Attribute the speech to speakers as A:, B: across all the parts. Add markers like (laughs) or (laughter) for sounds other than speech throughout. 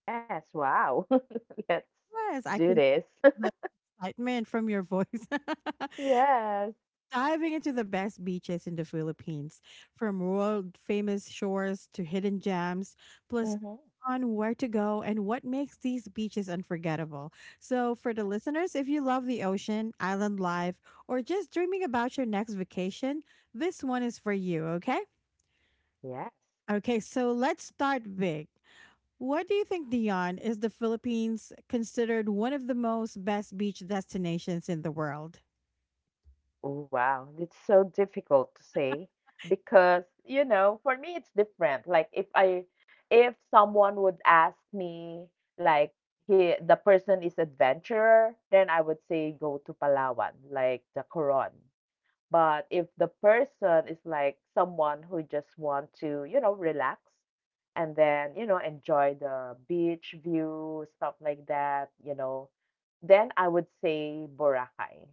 A: Yes, wow. (laughs) Let's
B: Yes, I
A: do
B: can
A: this. (laughs)
B: feel the excitement from your voice. (laughs)
A: Yes.
B: Diving into the best beaches in the Philippines, from world famous shores to hidden gems, plus
A: Hmm.
B: on where to go and what makes these beaches unforgettable. So, for the listeners, if you love the ocean, island life, or just dreaming about your next vacation, this one is for you, okay?
A: Yes.
B: Okay, so let's start big. What do you think, Dion, is the Philippines considered one of the most best beach destinations in the world?
A: Oh, wow. It's so difficult to say because, you know, for me it's different. Like if someone would ask me like he the person is adventurer, then I would say go to Palawan, like the Coron. But if the person is like someone who just want to relax and then enjoy the beach view, stuff like that, then I would say Boracay.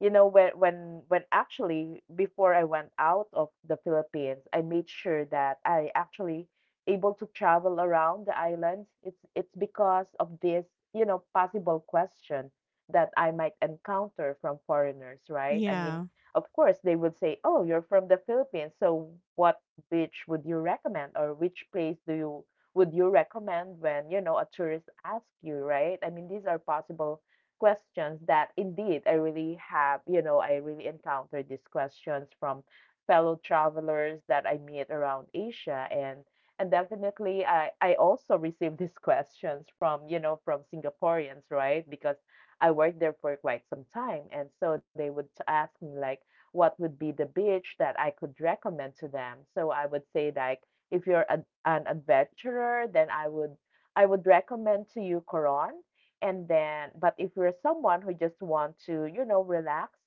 A: When actually before I went out of the Philippines, I made sure that I actually able to travel around the islands. It's because of this, possible question that I might encounter from foreigners, right? I mean,
B: Yeah.
A: of course, they would say, "Oh, you're from the Philippines, so what beach would you recommend, or which place do you would you recommend when a tourist asks you, right?" I mean, these are possible questions that indeed I really encountered these questions from fellow travelers that I meet around Asia and definitely I also receive these (laughs) questions from Singaporeans, right? Because I worked there for quite some time and so they would ask me like what would be the beach that I could recommend to them. So I would say like if you're an adventurer, then I would recommend to you Coron. And then, but if you're someone who just want to relax,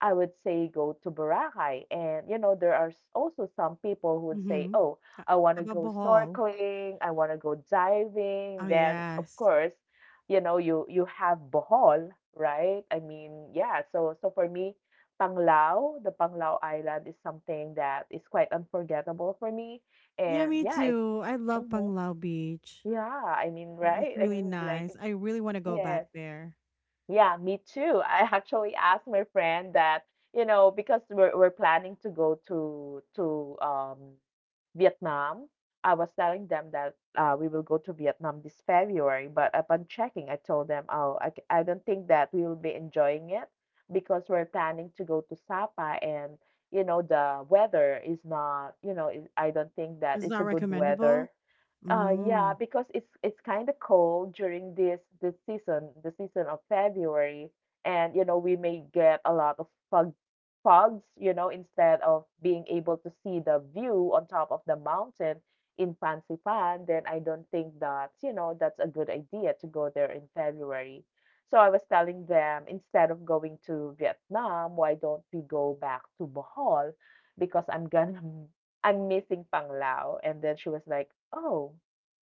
A: I would say go to Boracay. And you know, there are also some people who would say,
B: Mm-hmm.
A: "Oh,
B: How
A: I want to
B: about
A: go
B: Bohol?
A: snorkeling, I want to go
B: Oh,
A: diving." Then, of
B: yes.
A: course, you have Bohol, right? I mean, yeah. So for me, Panglao, the Panglao Island is something that is quite unforgettable for me.
B: Yeah,
A: And
B: me
A: yeah, it
B: too. I love
A: mhm.
B: Panglao Beach.
A: Yeah, I mean,
B: It's
A: right? I
B: really
A: mean, like,
B: nice. I really want to go back
A: yes.
B: there.
A: Yeah, me too. I actually asked my friend that, because we're planning to go to Vietnam. I was telling them that we will go to Vietnam this February, but upon checking, I told them, oh, I don't think that we will be enjoying it because we're planning to go to Sapa and the weather is not. I don't think that
B: It's
A: it's a
B: not
A: good
B: recommendable?
A: weather. Yeah,
B: Mm.
A: because it's kind of cold during this season, the season of February, and we may get a lot of fogs, you know, instead of being able to see the view on top of the mountain in Pansipan, then I don't think that that's a good idea to go there in February. So I was telling them instead of going to Vietnam, why don't we go back to Bohol? Because I'm gonna (laughs) I'm missing Panglao. And then she was like, "Oh,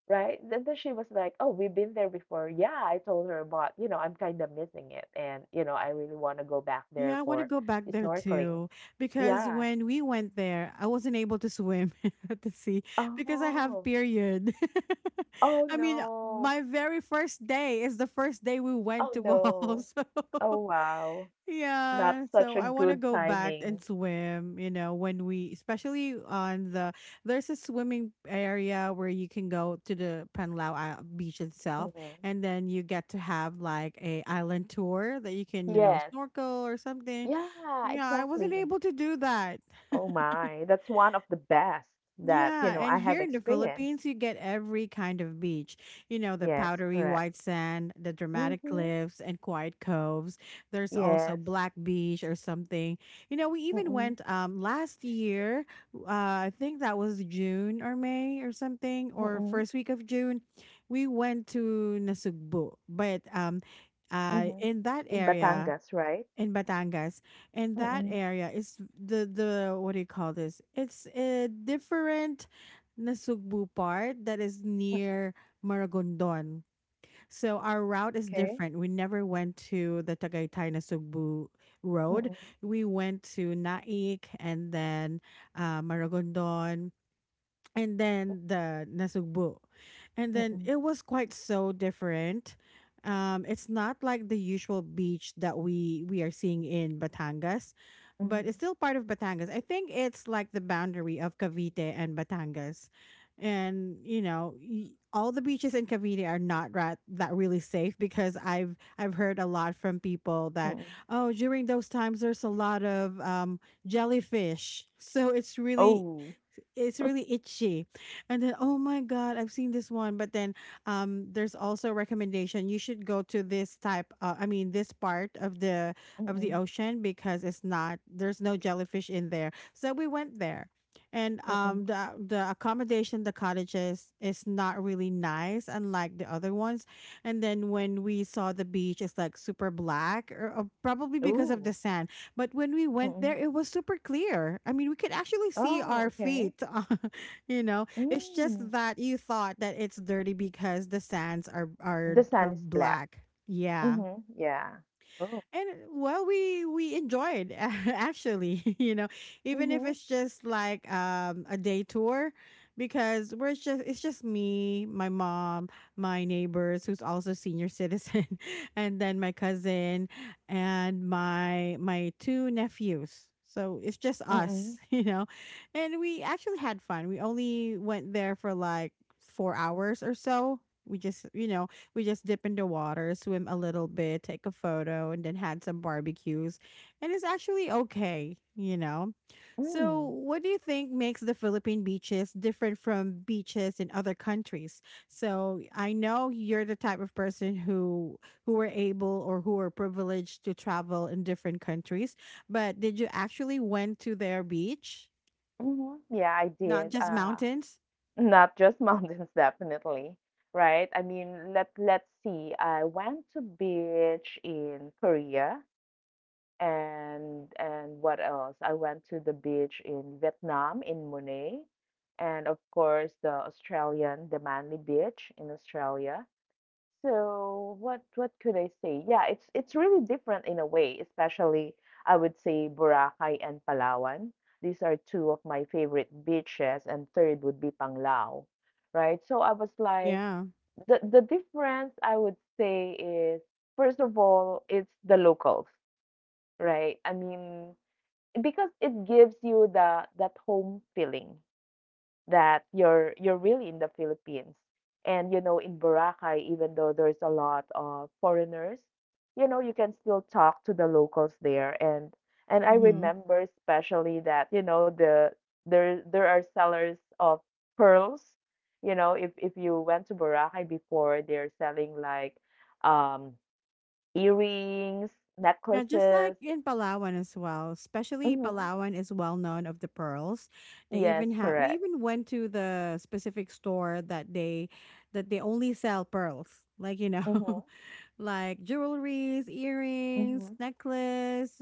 A: right?" And then she was like, "Oh, we've been there before." Yeah, I told her about, I'm kind of missing it, and I really want to go back
B: Yeah,
A: there
B: I want to
A: for
B: go back there
A: snorkeling.
B: too because
A: Yeah.
B: when we went there, I wasn't able to swim (laughs) at the sea because I have
A: Oh.
B: period.
A: Oh
B: (laughs) I mean,
A: no.
B: my very first day is the first day we went
A: Oh
B: to Bohol.
A: no.
B: (laughs)
A: Oh wow. Not
B: Yeah,
A: such
B: so
A: a
B: I want to
A: good
B: go back and
A: timing.
B: swim, you know, when we, especially on the there's a swimming area where you can go to the Panlao beach itself,
A: Hmm.
B: and then you get to have like a island tour that you can, you know,
A: Yes.
B: snorkel or something.
A: Yeah,
B: Yeah, I wasn't
A: exactly.
B: able to do that.
A: Oh my. That's one of the best that, you
B: Yeah,
A: know, I
B: and
A: have
B: here in the
A: experienced.
B: Philippines, you get every kind of beach. You know, the
A: Yes,
B: powdery
A: correct.
B: white sand, the dramatic
A: Mm-hmm.
B: cliffs, and quiet coves. There's also
A: Yes.
B: Black Beach or something. You know, we even
A: Mm-mm.
B: went last year. I think that was June or May or something, or
A: Mm-mm.
B: first week of June. We went to Nasugbu, but
A: Mm-hmm.
B: in that
A: In
B: area
A: Batangas, right?
B: in Batangas, and that
A: Mm-mm.
B: area is the what do you call this? It's a different Nasugbu part that is
A: Mm-mm.
B: near Maragondon. So our route is
A: Okay.
B: different. We never went to the Tagaytay Nasugbu road.
A: Mm-mm.
B: We went to Naik and then Maragondon, and then the Nasugbu. And then
A: Mm-mm.
B: it was quite so different. It's not like the usual beach that we are seeing in Batangas, but it's
A: Mm-hmm.
B: still part of Batangas. I think it's like the boundary of Cavite and Batangas. And you know, all the beaches in Cavite are not right, that really safe, because I've heard a lot from people that,
A: Mm-mm.
B: oh, during those times there's a lot of jellyfish, so it's really
A: Oh.
B: it's really itchy, and then, oh my god, I've seen this one. But then there's also a recommendation you should go to this type, I mean, this part of the
A: Mm-mm.
B: ocean, because it's not there's no jellyfish in there, so we went there, and
A: Mm-mm.
B: the accommodation, the cottages, is not really nice, unlike the other ones. And then when we saw the beach, it's like super black, or probably because of
A: Ooh,
B: the sand. But when we went
A: mm.
B: there, it was super clear. I mean, we could actually see
A: Oh,
B: our
A: okay.
B: feet. (laughs) You know, it's just
A: Mm.
B: that you thought that it's dirty because the sands are
A: The sun is black.
B: black. Yeah,
A: Mhm, yeah. Oh.
B: and well, we enjoyed (laughs) actually (laughs) even if
A: Mhm,
B: it's just like a day tour, because we're just it's just me, my mom, my neighbors who's also senior citizen, (laughs) and then my cousin and my two nephews, so it's just
A: mm,
B: us. (laughs) You know, and we actually had fun. We only went there for like 4 hours or so. We just you know we just dip in the water, swim a little bit, take a photo, and then had some barbecues. And it's actually okay, you know? So,
A: mm,
B: what do you think makes the Philippine beaches different from beaches in other countries? So, I know you're the type of person who were able, or who were privileged, to travel in different countries, but did you actually went to their beach,
A: mhm. Yeah, I
B: not
A: did,
B: just mountains?
A: not just (laughs) mountains, definitely, right? I mean, let's see. I went to beach in Korea and what else? I went to the beach in Vietnam, in Mune, and of course, the Australian, the Manly Beach in Australia. So what could I say? Yeah, it's really different in a way, especially I would say Boracay and Palawan. These are two of my favorite beaches, and third would be Panglao, right? So I was like,
B: Yeah.
A: the difference I would say is first of all, it's the locals, right? I mean, because it gives you the that home feeling that you're really in the Philippines. In Boracay, even though there's a lot of foreigners, you can still talk to the locals there. And I remember especially that there are sellers of pearls. If you went to Boracay before, they're selling like um earrings,
B: Yeah, just like
A: necklaces.
B: in Palawan as well. Especially
A: Hmm.
B: Palawan is well known of the pearls. They
A: Yes,
B: even have we
A: correct.
B: even went to the specific store that they only sell pearls. Like, you know,
A: Hmm.
B: (laughs) like jewelries, earrings,
A: Hmm.
B: necklace,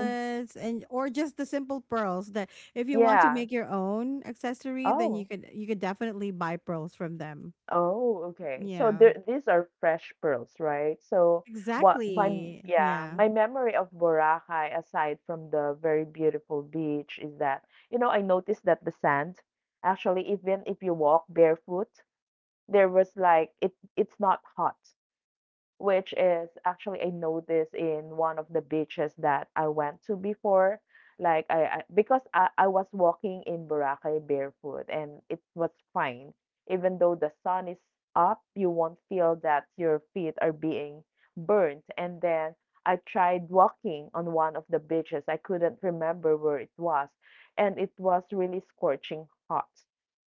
A: Hmm.
B: and or just the simple pearls that if you want to
A: Yeah.
B: make your own accessory, then
A: Oh.
B: you could definitely buy pearls from them.
A: Oh, okay. So
B: Yeah.
A: there, these are fresh pearls, right? So what
B: Exactly.
A: yeah,
B: Yeah.
A: my memory of Boracay, aside from the very beautiful beach, is that I noticed that the sand, actually, even if you walk barefoot, there was like it's not hot which is actually I noticed in one of the beaches that I went to before. Like I because I was walking in Boracay barefoot and it was fine. Even though the sun is up, you won't feel that your feet are being burnt. And then I tried walking on one of the beaches. I couldn't remember where it was. And it was really scorching hot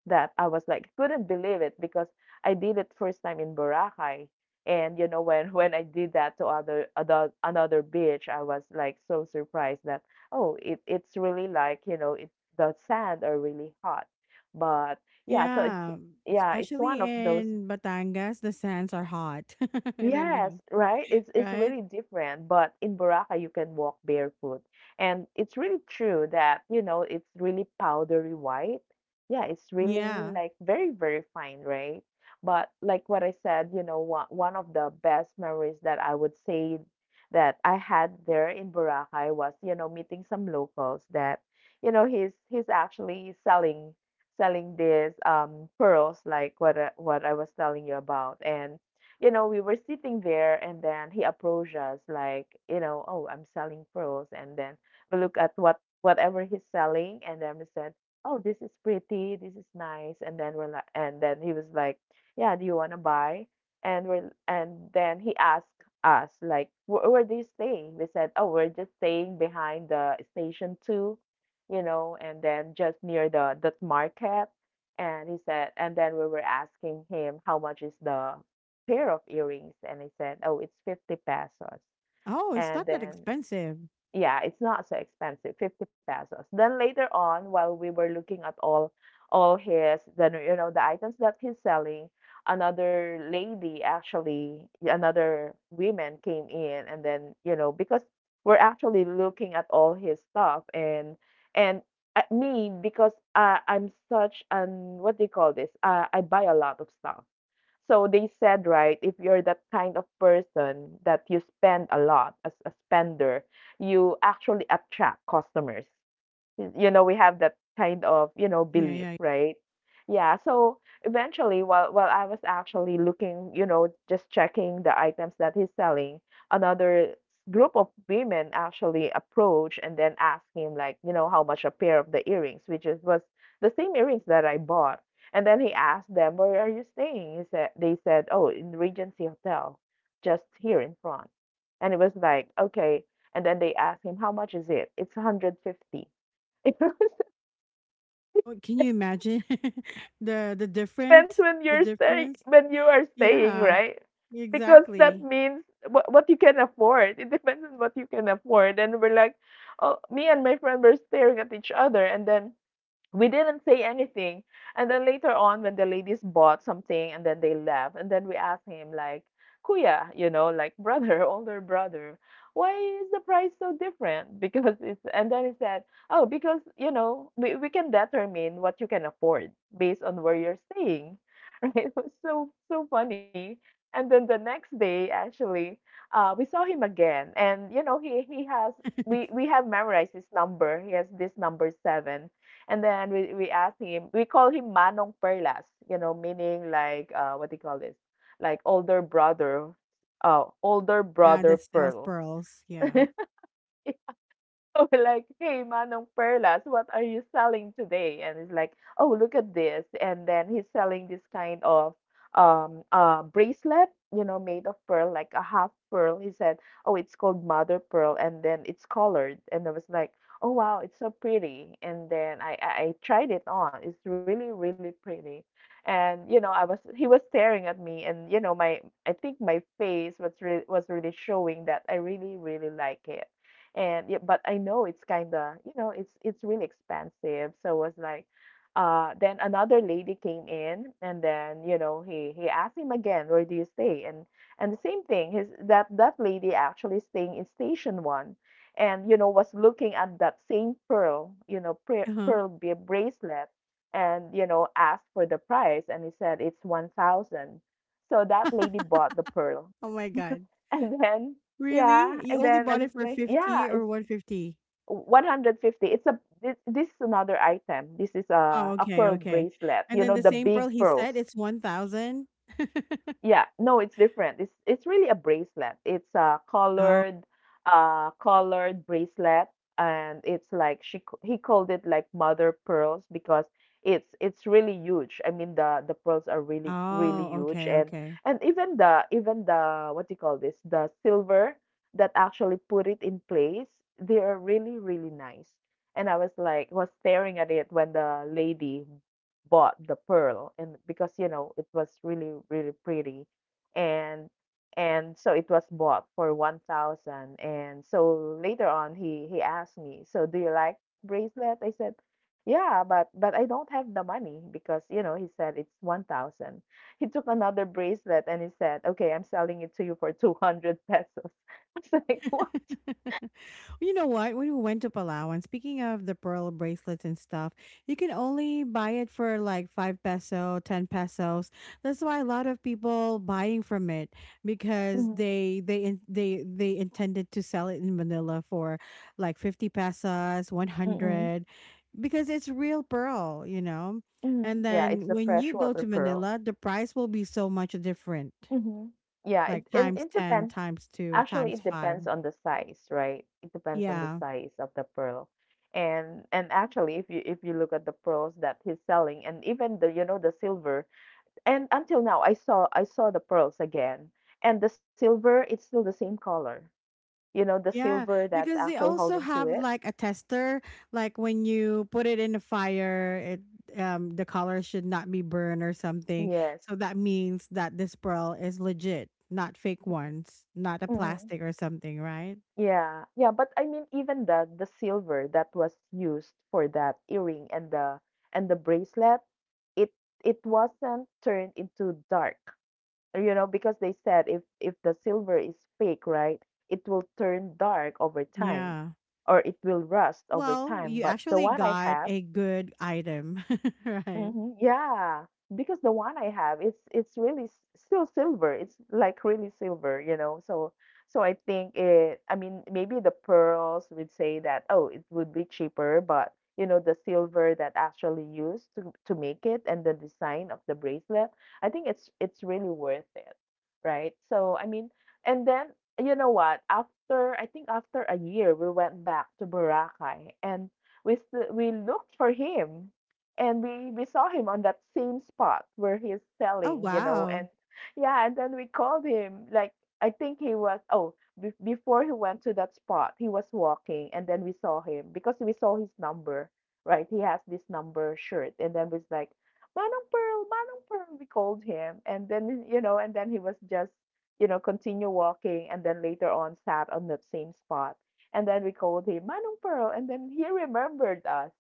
A: that I was like couldn't believe it because I did it first time in Boracay and when I did that to other other another beach, I was like so surprised that oh it's really like you know it the sand are really hot, but yeah, so it's,
B: Yeah,
A: yeah, it's
B: especially
A: one of those.
B: in Batangas, the sands are hot. (laughs) I don't know,
A: Yes, right? It's
B: right?
A: really different, but in Boracay you can walk barefoot. And it's really true that it's really powdery white. Yeah, it's really
B: Yeah.
A: like very, very fine, right? But like what I said, one of the best memories that I would say that I had there in Boracay was meeting some locals that he's actually selling these pearls like what I was telling you about. We were sitting there and then he approached us like, oh, I'm selling pearls. And then we look at whatever he's selling and then we said, "Oh, this is pretty, this is nice." And then we're like and then he was like, "Yeah, do you wanna buy?" And then he asked us like where do you stay? We said, "Oh, we're just staying behind the station two, and then just near the that market" and he said and then we were asking him how much is the pair of earrings and I said, "Oh, it's 50 pesos."
B: Oh, it's
A: And
B: not that
A: then,
B: expensive.
A: yeah, it's not so expensive, 50 pesos. Then later on, while we were looking at all his the you know the items that he's selling, another woman came in and then, because we're actually looking at all his stuff and me because I'm such an what do you call this? I buy a lot of stuff. So they said, right, if you're that kind of person that you spend a lot as a spender, you actually attract customers. We have that kind of
B: Yeah,
A: belief,
B: yeah.
A: right? Yeah, so eventually while I was actually looking, just checking the items that he's selling, another group of women actually approached and then asked him like, how much a pair of the earrings, which is was the same earrings that I bought. And then he asked them, "Where are you staying?" He said they said, "Oh, in Regency Hotel, just here in front." And it was like, "Okay." And then they asked him, "How much is it?" It's 150. It (laughs)
B: Well, can you imagine (laughs) the
A: depends
B: different
A: when
B: the
A: you're staying
B: difference?
A: when you are staying,
B: Yeah,
A: right? Because that
B: exactly.
A: means what you can afford. It depends on what you can afford. And we're like, oh, me and my friend were staring at each other, and then we didn't say anything. And then later on, when the ladies bought something and then they left, and then we asked him, like, Kuya, like (laughs) brother, older brother, why is the price so different? (laughs) Because it's, and then he said, oh, because, we can determine what you can afford based on where you're staying. (laughs) Right? It was so, so funny. And then the next day, actually, we saw him again. And, you know, he, he has,
B: (laughs)
A: we, we have memorized his number. He has this number 7 and then we asked him, we call him Manong Perlas, meaning like what do you call this? Like older
B: Yeah,
A: brother
B: that sells
A: Pearl. (laughs)
B: pearls. Yeah.
A: (laughs) So we're like, "Hey, Manong Perlas, what are you selling today?" And he's like, "Oh, look at this." And then he's selling this kind of bracelet, you know, made of pearl, like a half pearl. He said, "Oh, it's called mother pearl, and then it's colored." And I was like, "Oh, wow, it's so pretty." And then I tried it on. It's really pretty. And you know, I was he was staring at me, and you know, my I think my face was really showing that I really like it and yeah, but I know it's kind of, it's really expensive. So was like, then another lady came in, and then you know he asked him again, where do you stay? And the same thing, his that lady actually staying in Station 1, and you know was looking at that same pearl, you know,
B: Uh-huh.
A: bracelet, and you know asked for the price, and he said it's 1,000. So that lady bought the pearl.
B: Oh my God.
A: (laughs) And then, yeah,
B: Really? You
A: and
B: only
A: then I
B: bought
A: was
B: it for
A: like, yeah,
B: 50
A: it's
B: or 150?
A: 150. It's a This is another item. This is
B: Oh,
A: a
B: okay,
A: pearl
B: okay.
A: bracelet.
B: And
A: You
B: then
A: know,
B: the
A: the
B: same
A: big
B: pearl he
A: pearls.
B: said it's 1,000. (laughs)
A: Yeah, no, it's different. It's really a bracelet. It's a
B: Oh,
A: colored bracelet, and it's like he called it like mother pearls because it's really huge. I mean the pearls are really
B: oh,
A: huge,
B: okay,
A: and
B: okay.
A: even the what do you call this, the silver that actually put it in place. They are really nice. And I was like was staring at it when the lady bought the pearl, and because you know it was really pretty, and and so it was bought for 1,000. And so later on he asked me, so do you like bracelet? I said yeah, but I don't have the money because you know he said it's 1,000. He took another bracelet and he said, okay, I'm selling it to you for 200 pesos. (laughs) I was like, what?
B: (laughs) You know what? When we went to Palawan, speaking of the pearl bracelets and stuff, you can only buy it for like 5 peso, 10 pesos. That's why a lot of people buying from it, because
A: Mm-hmm.
B: they in- they they intended to sell it in Manila for like 50 pesos, one
A: Mm-hmm.
B: hundred, because it's real pearl, you know.
A: Mhm.
B: And
A: Yeah, it's
B: then
A: the
B: when you go
A: freshwater
B: to
A: pearl.
B: Manila, the price will be so much different,
A: Mhm. Yeah, it
B: like
A: and
B: times
A: it
B: ten,
A: depends.
B: times two,
A: Actually,
B: times
A: it
B: five.
A: depends on the size, right? It depends on the
B: Yeah.
A: size of the pearl. And actually, if you look at the pearls that he's selling, and even the you know the silver, and until now, I saw the pearls again, and the silver, it's still the same color. You know, the
B: Yeah,
A: silver that's
B: because they
A: actually
B: also
A: holding
B: have
A: to it.
B: like a tester, like when you put it in the fire, it, the color should not be burned or something.
A: Yes.
B: So that means that this pearl is legit, not fake ones, not a plastic or something, right?
A: Yeah, yeah, but I mean even the silver that was used for that earring and the bracelet, it it wasn't turned into dark. You know, because they said if the silver is fake, right, it will turn dark over time
B: Yeah.
A: or it will rust over
B: Well,
A: time.
B: you
A: But the
B: actually
A: one I
B: got
A: have,
B: a good item, (laughs) right?
A: mhm, yeah, because the one I have, it's really still silver. It's like really silver, you know. So so I think it, I mean, maybe the pearls would say that, oh, it would be cheaper, but you know, the silver that actually used to make it and the design of the bracelet, I think it's really worth it, right? So I mean, and then you know what? After I think after a year, we went back to Boracay, and we looked for him, and we saw him on that same spot where he's
B: Oh
A: selling, you know.
B: wow.
A: And yeah, and then we called him, like, I think he was, oh, before he went to that spot he was walking, and then we saw him because we saw his number. Right, he has this number shirt, and then was like, Manong Pearl, Manong Pearl, we called him. And then you know, and then he was just, you know, continue walking, and then later on sat on that same spot, and then we called him Manong Pearl, and then he remembered us.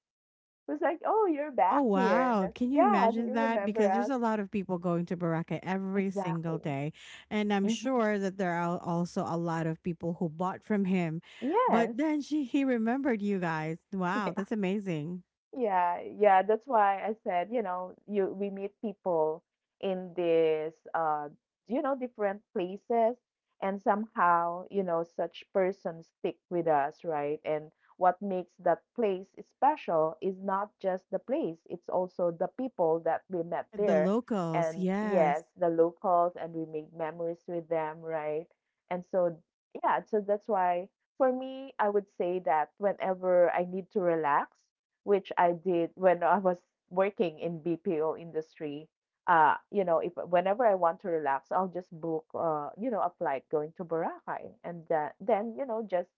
A: It was like, "Oh, you're
B: Oh
A: back here." And
B: wow.
A: that's,
B: Can you
A: "Yeah, do
B: imagine
A: you
B: that?
A: remember
B: Because there's
A: us?"
B: a lot of people going to Boracay every single
A: Exactly.
B: day. And I'm
A: Mhm.
B: sure that there are also a lot of people who bought from him. But
A: Yes.
B: then she he remembered you guys. Wow, that's
A: (laughs)
B: amazing.
A: Yeah, yeah, that's why I said, you know, you we meet people in this you know different places, and somehow, you know, such persons stick with us, right? And what makes that place special is not just the place, it's also the people that we met
B: The
A: there.
B: locals,
A: And
B: yes.
A: yes, the locals, and we made memories with them, right? And so yeah, so that's why for me, I would say that whenever I need to relax, which I did when I was working in BPO industry. You know, if whenever I want to relax, I'll just book, you know, a flight going to Boracay, and that, then you know, just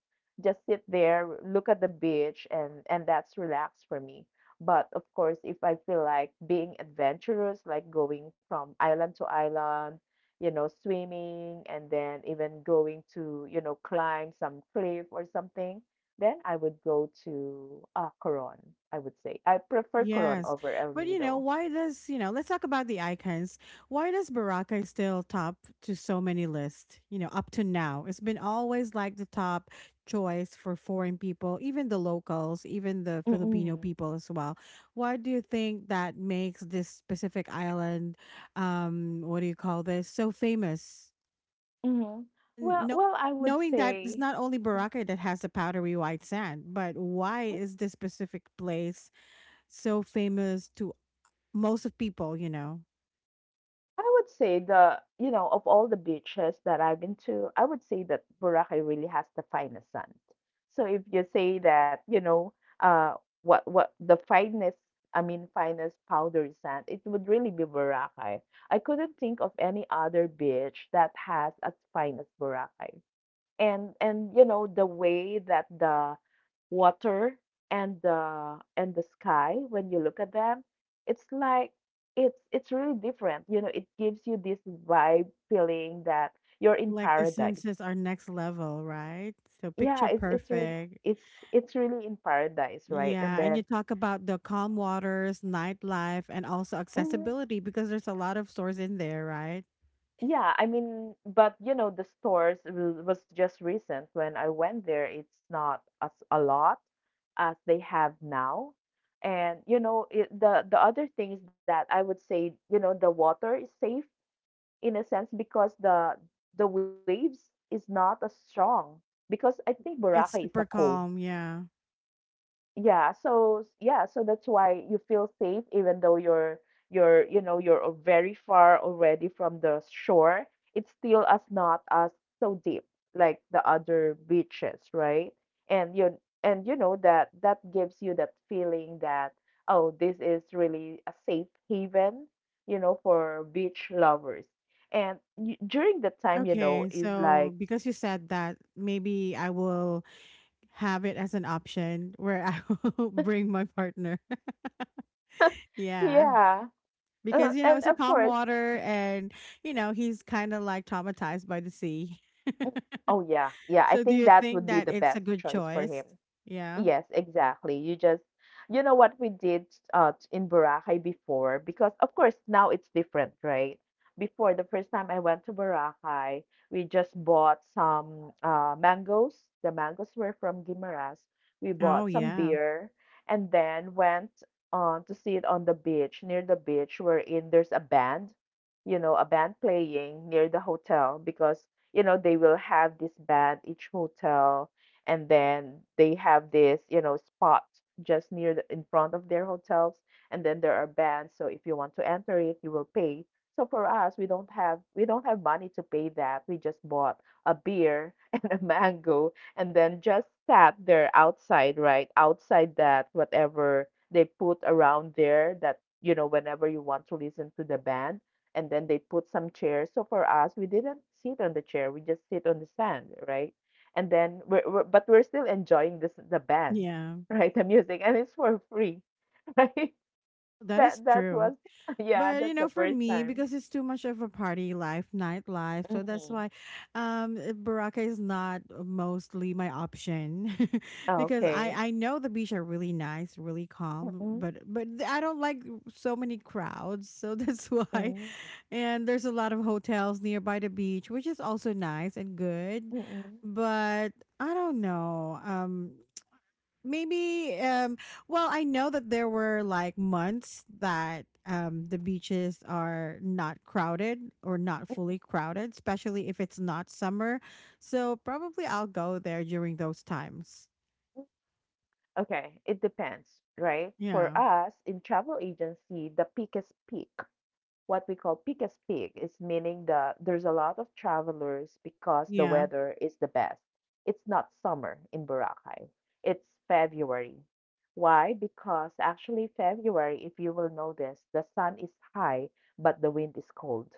A: sit there, look at the beach, and that's relax for me. But of course, if I feel like being adventurous, like going from island to island, you know, swimming, and then even going to, you know, climb some cliff or something, then I would go to, Coron, I would say. I prefer Coron
B: Yes.
A: over El
B: But you know,
A: Nido.
B: let's talk about the icons. Why does Baraka still top to so many lists, up to now? It's been always like the top choice for foreign people, even the locals, even the Filipino
A: Mm-mm.
B: people as well. Why do you think that makes this specific island, what do you call this, so famous?
A: Mhm. Well
B: No,
A: well, I would
B: knowing that it's
A: say,
B: not only Boracay that has the powdery white sand, but why
A: mhm,
B: is this specific place so famous to most of people, you know,
A: I would say the you know, of all the beaches that I've been to, I would say that Boracay really has the finest sand. So if you say that, you know, uh, what the finest, I mean, finest powdery sand, it would really be Boracay. I couldn't think of any other beach that has as fine as Boracay. And you know the way that the water and the sky, when you look at them, it's like it's really different. You know, it gives you this vibe feeling that you're in
B: like the
A: paradise.
B: senses are next level, right? So
A: Yeah,
B: picture
A: it's really,
B: perfect.
A: it's really in paradise, right? And
B: Yeah, and you
A: then
B: talk about the calm waters, nightlife, and also
A: mhm.
B: accessibility because there's a lot of stores in there, right?
A: Yeah, I mean, but you know, the stores was just recent when I went there. It's not as a lot as they have now. And you know, it, the other thing is that I would say, you know, the water is safe in a sense because the waves is not as strong because I think Boracay is a
B: It's super
A: cove.
B: calm, yeah.
A: Yeah, so yeah, so that's why you feel safe even though you know you're very far already from the shore. It's still as not as so deep like the other beaches, right? And you know that that gives you that feeling that, oh, this is really a safe haven, you know, for beach lovers. And y during the time, you know,
B: Okay,
A: is like,
B: so because you said that, maybe I will have it as an option where I (laughs) will bring my partner. Yeah,
A: yeah.
B: because you
A: (laughs)
B: know
A: And
B: it's a
A: of
B: calm
A: course,
B: water, and you know he's kind of like traumatized by the sea.
A: mm, oh yeah,
B: (laughs)
A: yeah. I
B: So, do
A: think
B: you
A: that
B: think
A: would be
B: that
A: the
B: it's a
A: best
B: good
A: choice for him.
B: choice? Yeah.
A: Yes, exactly. You just, you know what we did in Boracay before, because of course now it's different, right? Before the first time I went to Boracay, we just bought some mangoes. The mangoes were from Guimaras. We
B: Oh,
A: bought some
B: yeah.
A: beer and then went on to see it on the beach, near the beach, wherein there's a band, you know, a band playing near the hotel because, you know, they will have this band each hotel, and then they have this, you know, spot just near the, in front of their hotels, and then there are bands. So if you want to enter it, you will pay. So for us, we don't have money to pay that. We just bought a beer (laughs) and a mango, and then just sat there outside, right outside that whatever they put around there. That you know, whenever you want to listen to the band, and then they put some chairs. So for us, we didn't sit on the chair. We just sit on the sand, right? And then we're still enjoying this the band
B: Yeah.
A: (laughs) right, the music, and it's for free. (laughs) Right,
B: That is
A: that that
B: true.
A: was, (laughs) yeah,
B: But
A: that's
B: you know,
A: the
B: for
A: first
B: me,
A: time.
B: because it's too much of a party life, nightlife, so that's
A: Mm.
B: why Baraka is not mostly my option, (laughs) because I
A: Okay.
B: I know the beach are really nice, really calm,
A: Mm-mm,
B: but I don't like so many crowds, so (laughs) that's why.
A: mm,
B: And there's a lot of hotels nearby the beach, which is also nice and good,
A: mm-mm,
B: but I don't know. Maybe well, I know that there were like months that the beaches are not crowded, or not fully crowded, especially if it's not summer, so probably I'll go there during those times.
A: mm-mm. Okay, it depends, right?
B: Yeah,
A: For us in travel agency, the peak is peak. What we call peak as peak is meaning that there's a lot of travelers because the
B: yeah.
A: weather is the best. It's not summer in Boracay. It's February. Why? Because actually February, if you will notice, the sun is high, but the wind is cold.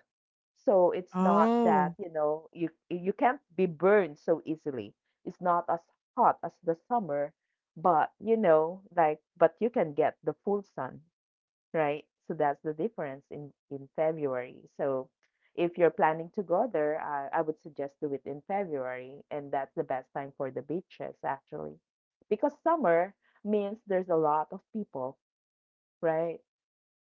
A: So it's not
B: Oh,
A: that, you know, you can't be burned so easily. It's not as hot as the summer, but you know, like, but you can get the full sun, right? So that's the difference in February. So if you're planning to go there, I would suggest do it in February, and that's the best time for the beaches actually, because summer means there's a lot of people, right?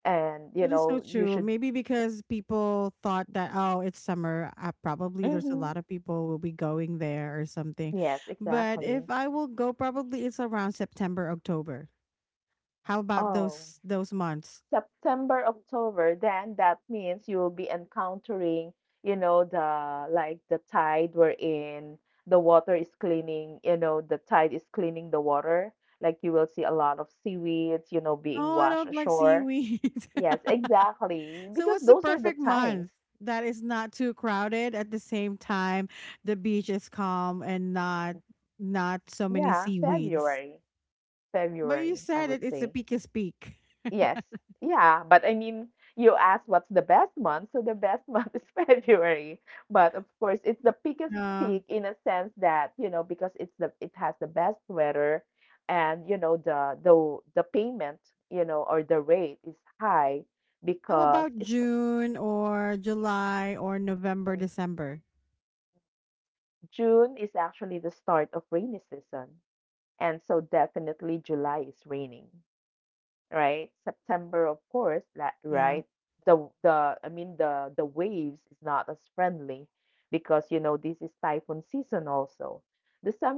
A: And you
B: that is so
A: know you
B: true.
A: should.
B: Maybe because people thought that, oh, it's summer, probably there's a
A: Hmm.
B: lot of people will be going there or something.
A: Yes,
B: But
A: exactly.
B: if I will go, probably it's around September, October. How about
A: Oh.
B: those months?
A: September, October, then that means you'll be encountering, you know, the like the tide wherein the water is cleaning, you know, the tide is cleaning the water. Like you will see a lot of seaweeds, being
B: Oh, I
A: washed
B: don't like
A: ashore.
B: seaweed.
A: Yes, exactly.
B: (laughs) So,
A: Because
B: what's the
A: those are the
B: perfect month
A: times.
B: that is not too crowded, at the same time the beach is calm and not so many
A: Yeah,
B: seaweeds?
A: February.
B: But you
A: February, I
B: said
A: would
B: it, it's the
A: say.
B: peakest peak.
A: Yes. Yeah, you asked what's the best month, so the best month is (laughs) February. But of course, it's the biggest
B: Yeah.
A: peak in a sense that, because it has the best weather and, the payment, or the rate is high
B: How
A: because
B: about
A: it's,
B: June or July or November,
A: mm,
B: December?
A: June is actually the start of rainy season. And so definitely July is raining, right? September, of course,
B: Yeah.
A: right? The I mean the waves is not as friendly because you know this is typhoon season also.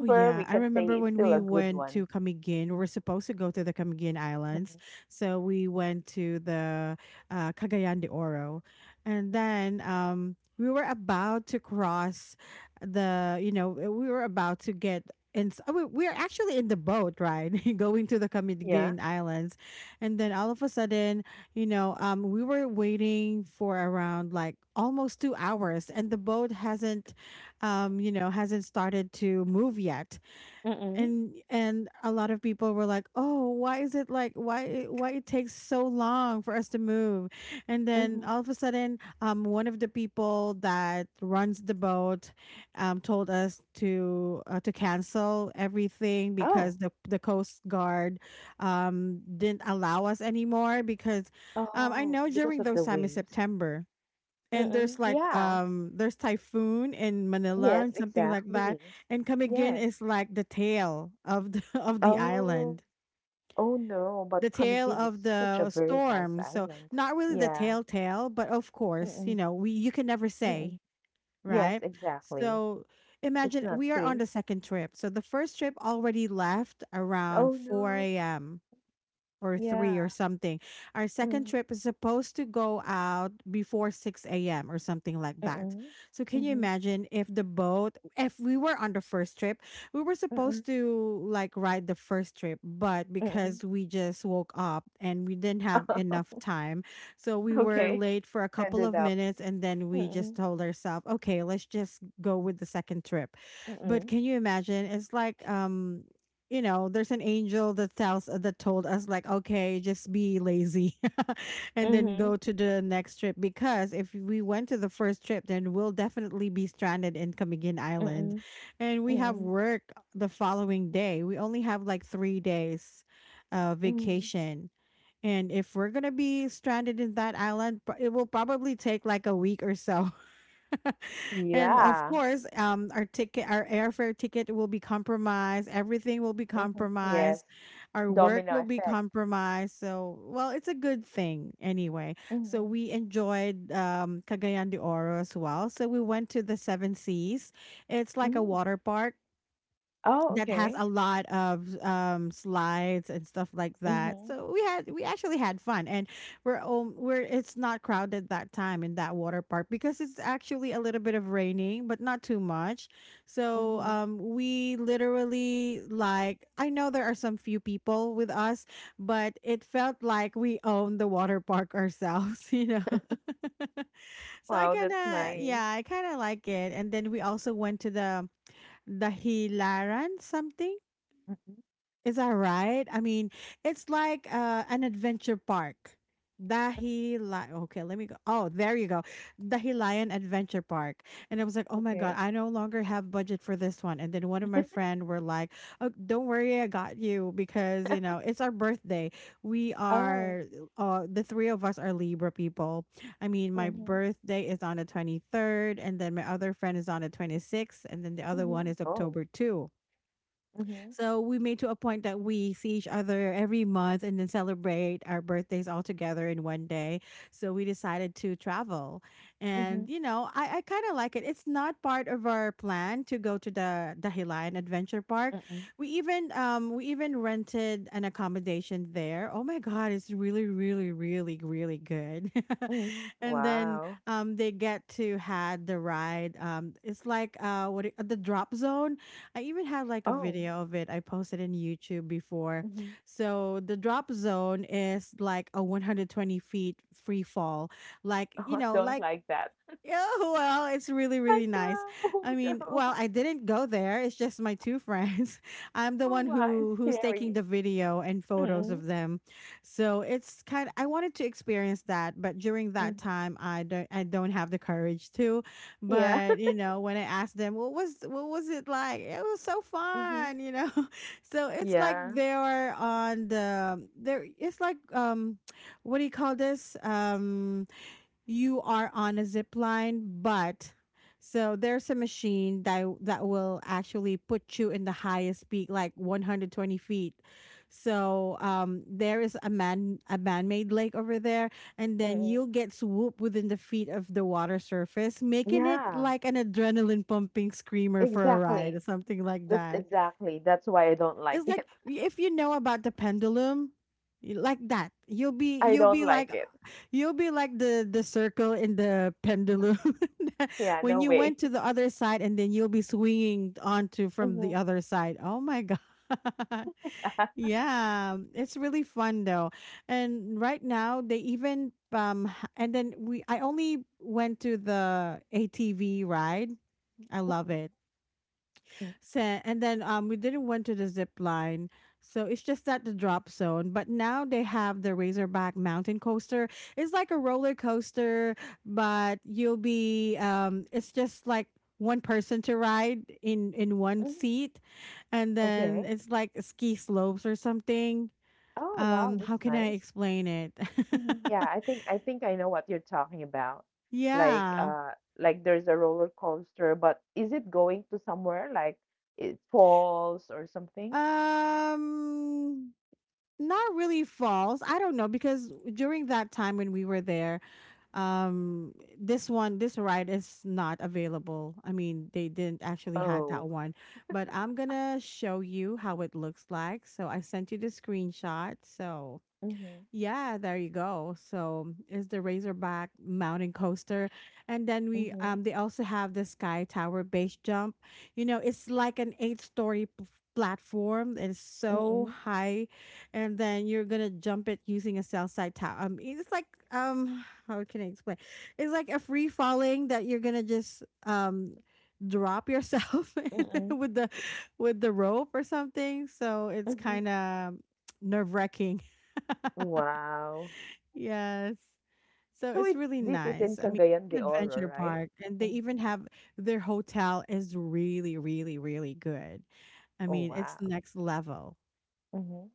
B: Oh yeah,
A: we
B: I
A: can say
B: remember
A: it's
B: when
A: still
B: we
A: a good
B: went
A: one.
B: to Camiguin. We were supposed to go to the Camiguin Islands,
A: Mhm.
B: so we went to the Cagayan de Oro, and then, we were about to cross the. You know, we were about to get. And we're actually in the boat, right, (laughs) going to the
A: Yeah.
B: Camiguin Islands, and then all of a sudden, we were waiting for around like almost 2 hours, and the boat hasn't hasn't started to move yet,
A: Mm-mm.
B: and a lot of people were like, oh, why is it like, why it takes so long for us to move. And then
A: Mm-hmm.
B: all of a sudden, one of the people that runs the boat told us to cancel everything
A: Oh.
B: because the coast guard didn't allow us anymore because I
A: Oh,
B: know
A: because of
B: during
A: the
B: those time in
A: waves.
B: September, and
A: Mm-mm.
B: there's like
A: Yeah.
B: there's typhoon in Manila
A: Yes,
B: and something like that.
A: exactly.
B: And Camiguin
A: Yes.
B: is like the tail of the (laughs) of the
A: Oh.
B: island.
A: Oh no, but
B: The tail
A: Camiguin is
B: of
A: such a
B: the
A: very nice
B: storm. So
A: island.
B: not really the
A: Yeah.
B: tail tail, but of course, you
A: Mm-mm.
B: know, we you can never
A: Mm-mm.
B: say,
A: Yes,
B: right?
A: exactly.
B: So
A: It's
B: imagine
A: not
B: we are on
A: safe.
B: the second trip. So the first trip already left around
A: Oh,
B: 4
A: no.
B: a.m or three
A: Yeah.
B: or something. Our second
A: Mm,
B: trip is supposed to go out before 6 a.m. or something like that.
A: mm-mm,
B: So can you
A: mhm,
B: imagine if the boat, if we were on the first trip, we were supposed
A: mm-mm,
B: to like ride the first trip, but
A: mm-mm.
B: because we just woke up and we didn't have
A: (laughs)
B: enough
A: Oh,
B: time, so we were
A: okay.
B: late for a couple of
A: Ended up.
B: minutes, and then we just
A: Mm-mm,
B: told ourselves, okay, let's just go with the second trip. But
A: mm-mm,
B: can you imagine? It's like You know, there's an angel that tells that told us, like, okay, just be lazy (laughs) and then
A: mhm,
B: go to the next trip, because if we went to the first trip, then we'll definitely be stranded in Camiguin Island,
A: mm-mm,
B: and we have
A: mm-mm,
B: work the following day. We only have like 3 days
A: mm.
B: vacation, and if we're going to be stranded in that island, pro- it will probably take like a week or so. And of
A: Yeah.
B: course, our ticket, our airfare ticket will be compromised. Everything will be
A: Mhm. Yes.
B: compromised. Our work
A: Domino
B: will be
A: effect.
B: compromised. So, well, it's a good thing anyway. So
A: Mhm,
B: we enjoyed Cagayan de Oro as well. So we went to the Seven Seas. It's like a
A: mm.
B: water park
A: Oh,
B: that has
A: okay.
B: a lot of slides and stuff like that.
A: Mhm,
B: So we actually had fun. And we're, it's not crowded that time in that water park because it's actually a little bit of raining but not too much. So
A: mhm.
B: we literally, like, I know there are some few people with us, but it felt like we owned the water park ourselves, (laughs) you know. (laughs) So
A: Wow, that's nice.
B: I kind of like it. And then we also went to the Hilaran something.
A: Mhm,
B: Is that right? I mean, it's like an adventure park. Dahilan. Okay, let me go. Oh, there you go. Dahilayan Adventure Park. And I was like, oh my God,
A: Okay.
B: I no longer have budget for this one. And then one of my friend were like, oh, don't worry, I got you because, you know, it's our birthday. We
A: Oh.
B: are, the three of us are Libra people. I mean, my
A: Mhm,
B: birthday is on the 23rd, and then my other friend is on the 26th, and then the other one
A: mhm.
B: is
A: Oh.
B: October 2.
A: Mhm,
B: So we made to a point that we see each other every month and then celebrate our birthdays all together in one day. So we decided to travel.
A: mhm,
B: And you know, I kinda like it. It's not part of our plan to go to the Dahilayan Adventure Park.
A: mm-mm,
B: We even rented an accommodation there. Oh my god, it's really, really, really, really good. (laughs)
A: mm.
B: And then
A: Wow.
B: they get to had the ride. It's like what it- The drop zone, I even had like a
A: Oh,
B: video of it I posted in YouTube before.
A: mhm. (laughs)
B: So the drop zone is like a 120 feet free fall, like,
A: Oh,
B: you
A: I
B: know,
A: don't
B: like,
A: like that.
B: yeah, well, it's really,
A: I
B: really nice.
A: know,
B: I
A: (laughs)
B: mean, well,
A: no.
B: I didn't go there. It's just my two friends. (laughs) I'm the
A: Oh
B: one
A: my, it's
B: who's taking
A: scary.
B: the video and photos of
A: Mm-mm,
B: them. So it's kind. I wanted to experience that, but during that
A: mhm.
B: time, I don't. I don't have the courage to.
A: Yeah.
B: But
A: (laughs)
B: you know, when I asked them, what was it like? It was so
A: Mhm.
B: fun. You know, (laughs) so it's like
A: Yeah.
B: they are on the there. It's like what do you call this? You are on a zip line, but so there's a machine that will actually put you in the highest peak, like 120 feet. So there is a man made lake over there, and then
A: Mm-mm.
B: you'll get swooped within the feet of the water surface, making it
A: Yeah,
B: like an adrenaline pumping screamer for a ride
A: exactly.
B: or something like that.
A: Exactly. That's why I don't like
B: It's
A: it.
B: like, if you know about the pendulum, like that, you'll
A: (laughs)
B: be,
A: I don't like it.
B: you'll be like the circle in the pendulum (laughs)
A: Yeah, no
B: when you
A: way.
B: went
A: (laughs)
B: to the other side, and then you'll be swinging onto from
A: Mhm.
B: the other side. Oh my god. (laughs) Yeah, it's really fun though. And right now they even h- and then we I only went to the ATV ride. I love
A: Mhm.
B: it. So, and then we didn't went to the zip line, so it's just at the drop zone. But now they have the Razorback Mountain Coaster. It's like a roller coaster, but you'll be it's just like one person to ride in one
A: Mhm. (laughs)
B: seat, and
A: Okay.
B: then it's like ski slopes or something.
A: Oh, wow,
B: How
A: that's
B: can I
A: nice.
B: explain it?
A: Mhm,
B: (laughs)
A: yeah, I think I know what you're talking about. Like
B: Yeah.
A: uh like there's a roller coaster, but is it going to somewhere like it falls or something?
B: Um, not really false. I don't know because during that time when we were there, um this one, this ride is not available. I mean, they didn't actually had
A: Oh.
B: that one, but I'm gonna show you how it looks like, so I sent you the screenshot. So
A: Mhm.
B: yeah, there you go. So it's the Razorback Mountain Coaster, and then we
A: Mhm.
B: they also have the Sky Tower base jump. You know, it's like an platform. It's
A: Mhm.
B: so high, and then you're gonna jump it using a cell side tower. It's like, how can I explain? It's like a free falling that you're gonna just drop yourself (laughs)
A: Mhm.
B: with the with the rope or something. So it's
A: Mhm.
B: kind of nerve wracking. (laughs)
A: Wow.
B: Yes. So
A: So
B: it's
A: it's
B: really
A: this is in
B: nice. I mean,
A: Cagayan
B: it's
A: de
B: an
A: Oro,
B: adventure
A: right?
B: park, and they
A: Mhm.
B: even have their hotel is really, really, really good. I
A: Oh
B: mean, it's
A: wow.
B: next level.
A: Mhm.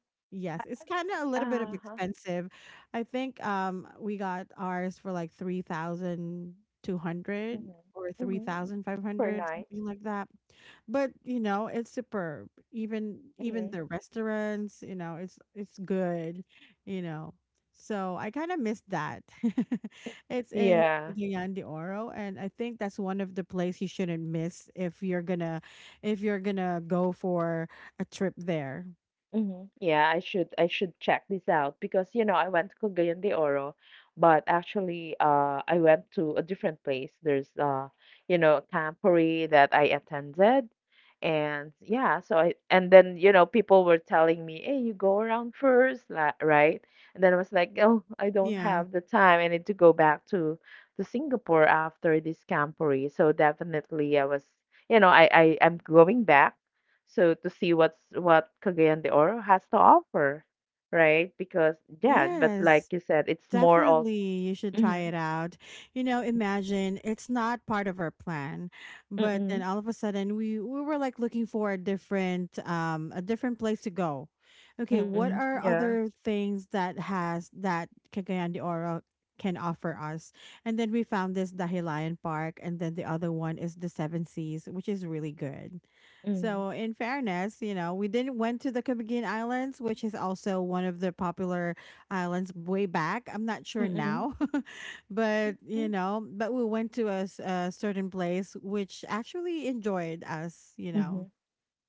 B: Yes,
A: I
B: it's kind of a little bit
A: don't-
B: of
A: Uh-huh.
B: expensive. I think we got ours for like 3,200
A: Mhm.
B: or
A: Mhm. Per
B: 3,500,
A: night.
B: something like that. But, you know, it's superb. Even
A: Mhm.
B: the restaurants, you know, it's good, you know. So I kind of miss that. (laughs) It's in
A: Yeah.
B: Cagayan de Oro, and I think that's one of the place you shouldn't miss if you're gonna, if you're gonna go for a trip there.
A: Mhm. Yeah, I should check this out because you know I went to Cagayan de Oro, but actually I went to a different place. There's you know a camporee that I attended, and yeah, so I and then you know people were telling me, hey, you go around first, right? And then I was like, oh, I don't
B: Yeah.
A: have the time. I need to go back to Singapore after this camporee. So definitely I was you know I'm going back so to see what Cagayan de Oro has to offer, right? Because yeah, but like
B: Yes.
A: you said, it's more of
B: Definitely, you should try
A: mm-hmm,
B: it out. You know, imagine it's not part of our plan, but then
A: mm-mm,
B: all of a sudden we were like looking for a different place to go. Okay, what
A: mm-mm,
B: are
A: yeah,
B: other things that has that Cagayan de Oro can offer us? And then we found this Dahilayan Park, and then the other one is the Seven Seas, which is really good.
A: mm-mm,
B: So, in fairness, you know, we didn't went to the Cagayan Islands, which is also one of the popular Islands way back. I'm not sure
A: mm-mm,
B: now, (laughs) but you
A: mm-mm,
B: know, but we went to a, s- a certain place which actually enjoyed us. You
A: mm-hmm.
B: know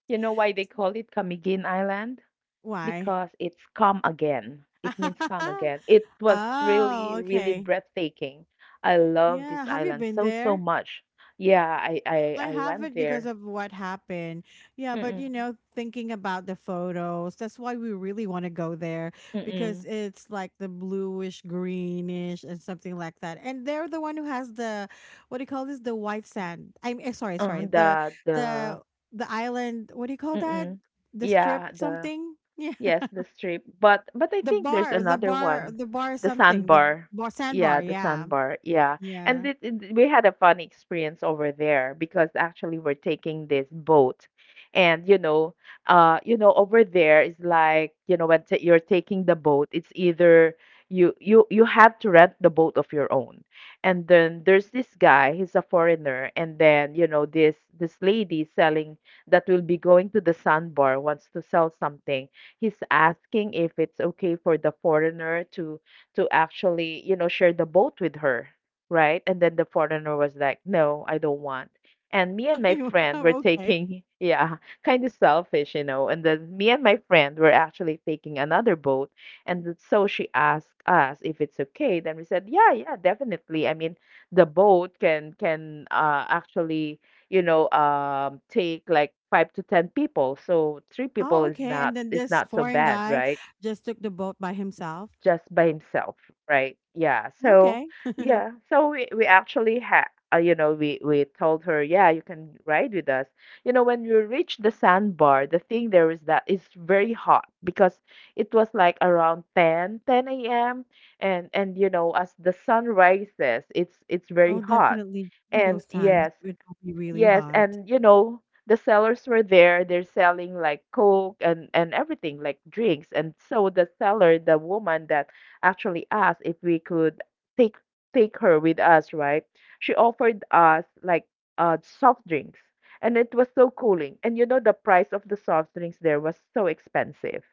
A: You know why they call it Camiguin Island?
B: why?
A: Because it's come again. It means come
B: (laughs)
A: again. It was
B: Oh,
A: really, really
B: okay.
A: breathtaking. I love
B: Yeah.
A: this
B: Have you
A: island
B: been
A: so, so
B: there?
A: much. Yeah,
B: I
A: I
B: have
A: went
B: it because
A: there.
B: of what happened. Yeah, but you
A: Mm-mm,
B: know, thinking about the photos, that's why we really want to go there because
A: mm-mm.
B: it's like the bluish, greenish, and something like that. And they're the one who has the, what do you call this? The white sand. I'm eh, sorry, sorry. The
A: The
B: the the island. What do you call
A: 嗯
B: that?
A: 嗯
B: The strip
A: ，Yeah，the.
B: something. Yeah, (laughs)
A: Yes, the strip. But I
B: the
A: think there's
B: bar,
A: another one,
B: the bar
A: the
B: something. The
A: sandbar.
B: bar
A: Yeah,
B: sandbar.
A: the
B: Yeah,
A: sandbar. Yeah, and
B: yeah.
A: we had a funny experience over there because actually we're taking this boat, and you know, over there is like you know when t you're taking the boat, it's either you have to rent the boat of your own, and then there's this guy, he's a foreigner, and then you know this this lady selling that will be going to the sandbar wants to sell something he's asking if it's okay for the foreigner to actually, you know, share the boat with her, right? And then the foreigner was like, "No, I don't want." And me and my friend were
B: (laughs) Okay.
A: taking, (laughs) yeah, kind of selfish, you know. And then me and my friend were actually taking another boat, and so she asked us if it's okay. Then we said, "Yeah, yeah, definitely." I mean, the boat can actually you know, take like five to ten people. So three people
B: Oh, okay. And then
A: is
B: this
A: not so
B: foreign
A: bad,
B: guy
A: right?
B: just took the boat by himself.
A: Just by himself, right? Yeah. So
B: Okay.
A: yeah.
B: (laughs)
A: So we actually had. You know, we told her, yeah, you can ride with us. You know, when we reached the sandbar, the thing there is that it's very hot because it was like around 10 a.m. and you know, as the sun rises, it's very
B: Oh,
A: hot.
B: definitely
A: And
B: those times
A: yes,
B: it will be really
A: yes,
B: hot.
A: and you know, the sellers were there. They're selling like Coke and everything, like drinks. And so the seller, the woman that actually asked if we could take take her with us, right? She offered us like soft drinks, and it was so cooling. And you know, the price of the soft drinks there was so expensive,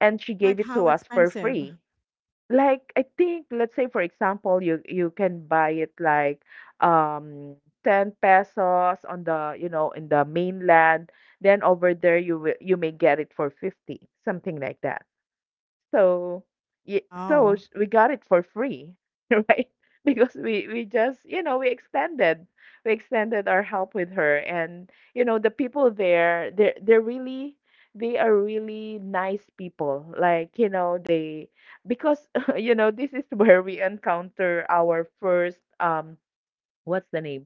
A: and she gave
B: Like
A: it
B: how
A: to us for
B: expensive?
A: free. Like, I think, let's say for example, you can buy it like um 10 pesos on the, you know, in the mainland. Then over there you will you may get it for 50, something like that. So, yeah,
B: Oh,
A: we got it for free, (laughs) right? Because we just, you know, we extended our help with her and you know, the people there they're really they are really nice people. Like, you know, they because (laughs) you know, this is (laughs) where we encounter our first what's the name?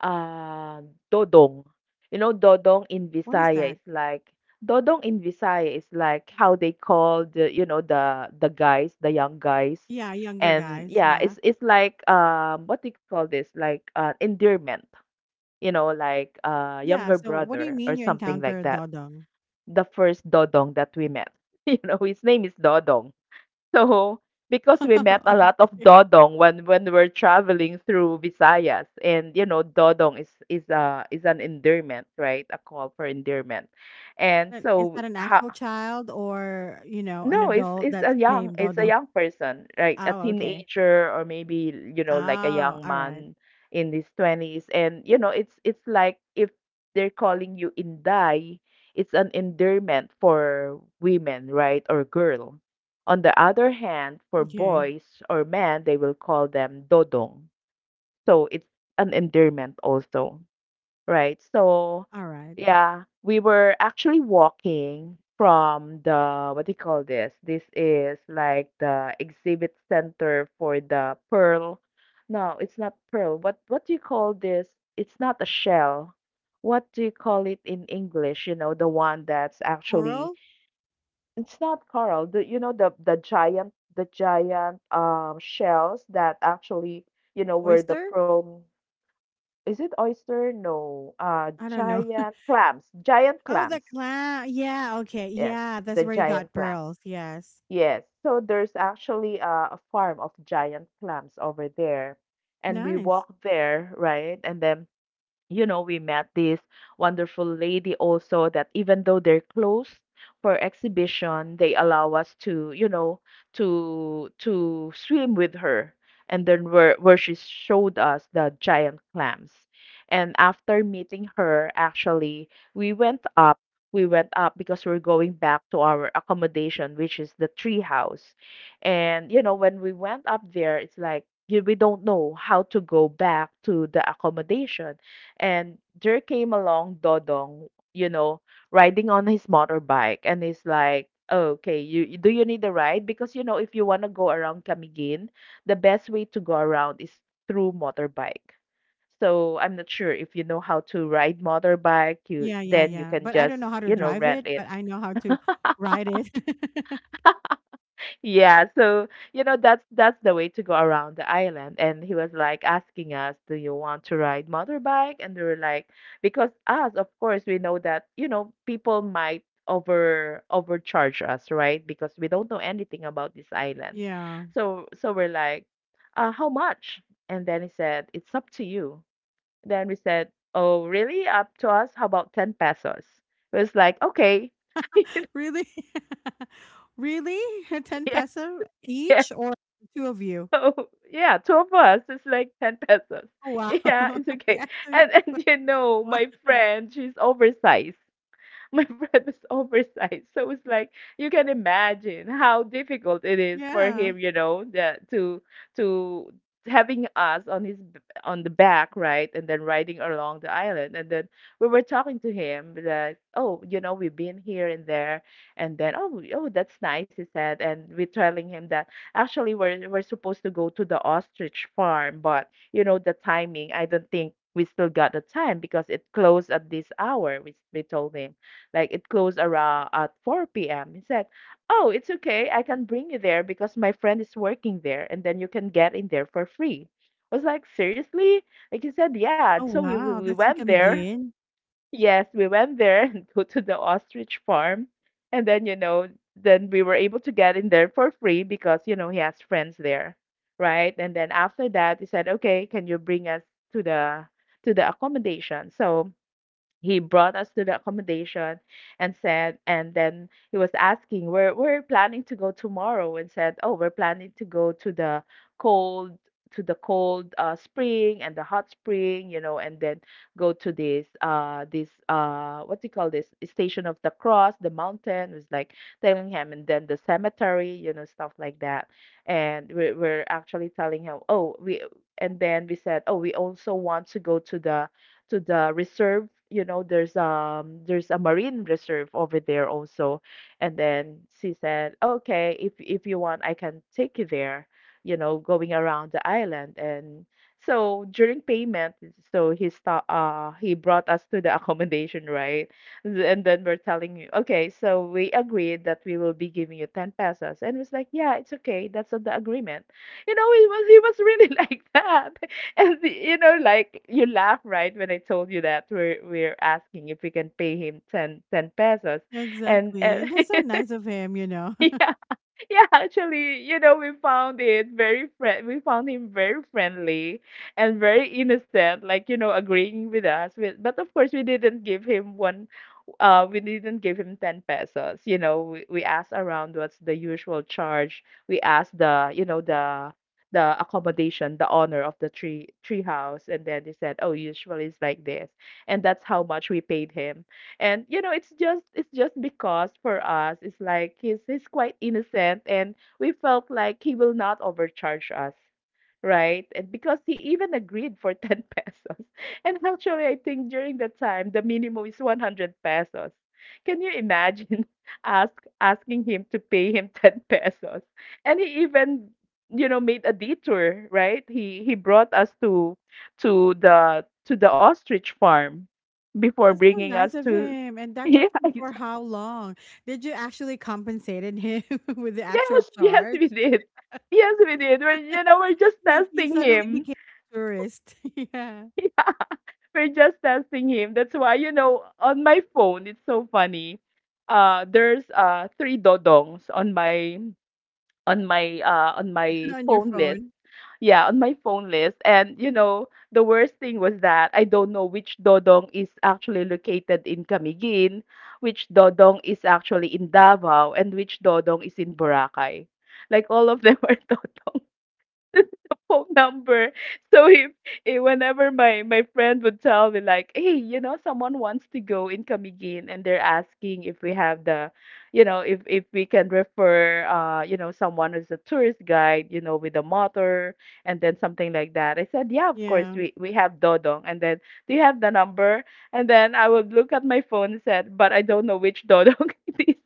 A: Dodong. You know, dodong in
B: what is
A: Visaya
B: that?
A: is like dodong in Visaya is like how they call the you know the guys, the young guys.
B: Yeah, younger
A: And
B: guys.
A: yeah,
B: Yeah.
A: it's like what do you call this? Like endearment, you know, like
B: Yeah.
A: younger
B: So what do you
A: brother or
B: mean you
A: something like
B: encounter
A: that.
B: dodong?
A: The first dodong that we met. (laughs) You know, his name is Dodong. So, because we met a lot
B: (laughs)
A: of
B: Okay.
A: dodong when we're traveling through Visayas, and you know, dodong is a is an endearment, right? A call for endearment, and
B: But is
A: so
B: that an
A: how
B: actual child or, you know, an
A: no,
B: adult that's named
A: it's a
B: dodong?
A: young person, right? A
B: Oh, okay.
A: teenager or maybe, you know, like a
B: Oh,
A: young
B: all right.
A: man in his 20s. And, you know, it's like if they're calling you Inday, it's an endearment for women, right? Or girl. On the other hand, for
B: Okay.
A: boys or men, they will call them Dodong. So it's an endearment also. Right. So,
B: All right.
A: yeah, we were actually walking from the, what do you call this? This is like the exhibit center for the pearl. No, it's not pearl. What do you call this? It's not a shell. What do you call it in English? You know, the one that's actually
B: Coral?
A: it's not coral. The, you know the giant shells that actually, you know, where the
B: Oyster?
A: pearl is it oyster? No.
B: I don't know.
A: Giant clams. Giant
B: Oh, the
A: clams.
B: clown. Yeah, okay.
A: Yes,
B: Yeah, that's
A: the
B: where you
A: giant
B: got
A: clams.
B: pearls. Yes.
A: Yes. So there's actually a farm of giant clams over there. And we
B: Nice.
A: walked there, right? And then you know, we met this wonderful lady also that even though they're closed for exhibition, they allow us to, you know, to swim with her. And then where she showed us the giant clams. And after meeting her, actually, we went up. We went up because we're going back to our accommodation, which is the tree house. And you know, when we went up there, it's like we don't know how to go back to the accommodation and there came along Dodong, you know, riding on his motorbike, and he's like, "Oh, okay, do you need a ride? Because you know, if you want to go around Camiguin, the best way to go around is through motorbike." So I'm not sure if you know how to ride motorbike, you
B: Yeah, yeah,
A: then you
B: yeah.
A: can
B: But I don't
A: just,
B: know how to
A: you know,
B: drive
A: rent
B: it,
A: it.
B: but I know how to ride it. (laughs)
A: Yeah, so you know that's the way to go around the island. And he was like asking us, "Do you want to ride motorbike?" And they were like, because us, of course, we know that you know people might overcharge us, right? Because we don't know anything about this island.
B: Yeah.
A: So we're like, "How much?" And then he said, "It's up to you." Then we said, "Oh, really? Up to us? How about ten pesos?" It was like, "Okay." (laughs)
B: Really? (laughs) Really? (laughs) 10
A: Yeah,
B: peso
A: yeah.
B: each or two of you?
A: So yeah, two of us is like 10 pesos. (laughs)
B: Oh, wow.
A: Yeah, it's
B: (laughs)
A: okay.
B: Yeah.
A: And
B: So- (laughs)
A: you know,
B: Wow.
A: my friend, she's oversized. (laughs) My friend was oversized. So it's like you can imagine how difficult it is for
B: Yeah.
A: him, you know, to having us on his on the back, right, and then riding along the island. And then we were talking to him that, oh, you know, we've been here and there, and then oh, that's nice, he said, and we're telling him that actually we're supposed to go to the ostrich farm, but you know the timing, I don't think we still got the time because it closed at this hour. We told him like it closed around at 4 p.m. He said, "Oh, it's okay. I can bring you there because my friend is working there, and then you can get in there for free." I was like, "Seriously?" Like he said, "Yeah."
B: Oh,
A: So we we,
B: wow.
A: we
B: That's in
A: went there. (laughs)
B: Camiguin.
A: Yes, we went there (laughs) and go to the ostrich farm, and then then we were able to get in there for free because you know he has friends there, right? And then after that, he said, "Okay, can you bring us to the to the accommodation?" So he brought us to the accommodation and said and then he was asking we're planning to go tomorrow and said, "Oh, we're planning to go cold to the cold spring and the hot spring," you know, and then go to this this what do you call this, station of the cross, the mountain, was like telling him, and then the cemetery, you know, stuff like that. And we're actually telling him, "Oh, we," and then we said, "Oh, we also want to go to the reserve." You know, there's a marine reserve over there also. And then she said, "Okay, if you want, I can take you there." You know, going around the island. And so during payment, so he brought us to the (laughs) accommodation, right? And then we're telling you, okay, so we agreed that we will be giving you 10 pesos. And it was like, "Yeah, it's okay. That's on the agreement." You know, he was really (laughs) like that. And you know, like you laugh, right, when I told you that we're asking if we can pay him ten pesos,
B: Yeah, exactly.
A: and
B: And that's so nice of him, you know.
A: (laughs) yeah, (laughs) yeah, actually, you know, we found it very friend. We found him very friendly and very innocent, like, you know, agreeing with us. With but of course, we didn't give him one. We didn't give him ten pesos. You know, we asked around what's the usual charge. We asked the, you know, the accommodation, the owner of the tree house, and then they said, "Oh, usually it's like this," and that's how much we paid him. And you know, it's just because for us it's like he's quite innocent and we felt like he will not overcharge us, right? And because he even agreed for 10 pesos. (laughs) And actually, I think during that time, the minimum is 100 pesos. Can you imagine (laughs) ask asking him to pay him (laughs) 10 pesos? And he even, you know, made a detour, right? He brought us to to the ostrich farm before
B: That's so
A: bringing us
B: nice of
A: to
B: him. And
A: (laughs)
B: that took
A: yeah,
B: him for how long? Did you actually compensated him (laughs) with the actual
A: yes, yes,
B: charge?
A: we did. Yes, we did. We're, you know, we're just
B: He
A: testing
B: suddenly
A: him.
B: became a tourist. (laughs) Yeah.
A: We're just testing him. That's why, you know, on my phone, it's so funny. There's three dodongs on my on my on my
B: On your
A: phone list.
B: phone.
A: Yeah, on my phone list. And you know, the worst thing was that I don't know which dodong is actually located in Camiguin, which dodong is actually in Davao, and which dodong is in Boracay. Like all of them (laughs) are dodong. (laughs) Phone number. So if, eh, whenever my my friend would tell me like, "Hey, you know, someone wants to go in Camiguin and they're asking if we have the, you know, if we can refer you know, someone as a tourist guide, you know, with a motor and then something like that." I said, "Yeah, of course
B: Yeah.
A: we have Dodong." And then, "Do you have the number?" And then I would look at my phone and said, "But I don't know which Dodong (laughs) it is."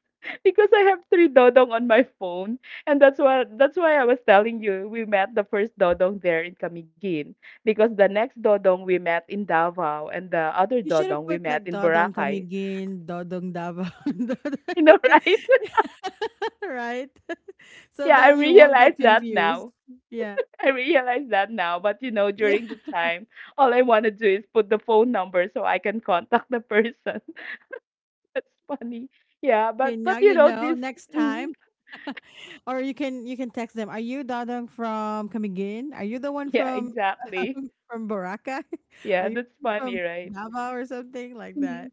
A: Because I have three Dodong on my phone. And that's why I was telling you we met the first dodong there in Camiguin because the next dodong we met in Davao and the other
B: You should have
A: dodong we
B: put
A: met
B: like
A: in
B: Dodong
A: Boracay.
B: Kamigin, Dodong Davao. (laughs)
A: (laughs) You know,
B: Dodong-
A: right? (laughs)
B: (laughs) right? (laughs) So
A: Yeah, I
B: that you won't
A: realize
B: get
A: that
B: confused.
A: now.
B: Yeah.
A: I realize that now, but you know,
B: Yeah.
A: during the time, all I want to do is put the phone number so I can contact the person. (laughs) That's funny. Yeah,
B: Okay,
A: but
B: now
A: you
B: you
A: know
B: know.
A: this
B: Next
A: mm,
B: time, (laughs) or you can text them. Are you Dadang from Camiguin? Are you the one
A: yeah,
B: from
A: exactly.
B: (laughs) from Boracay? (laughs) Are
A: Yeah,
B: you
A: that's funny,
B: from
A: right?
B: Davao or something like that?
A: Mhm.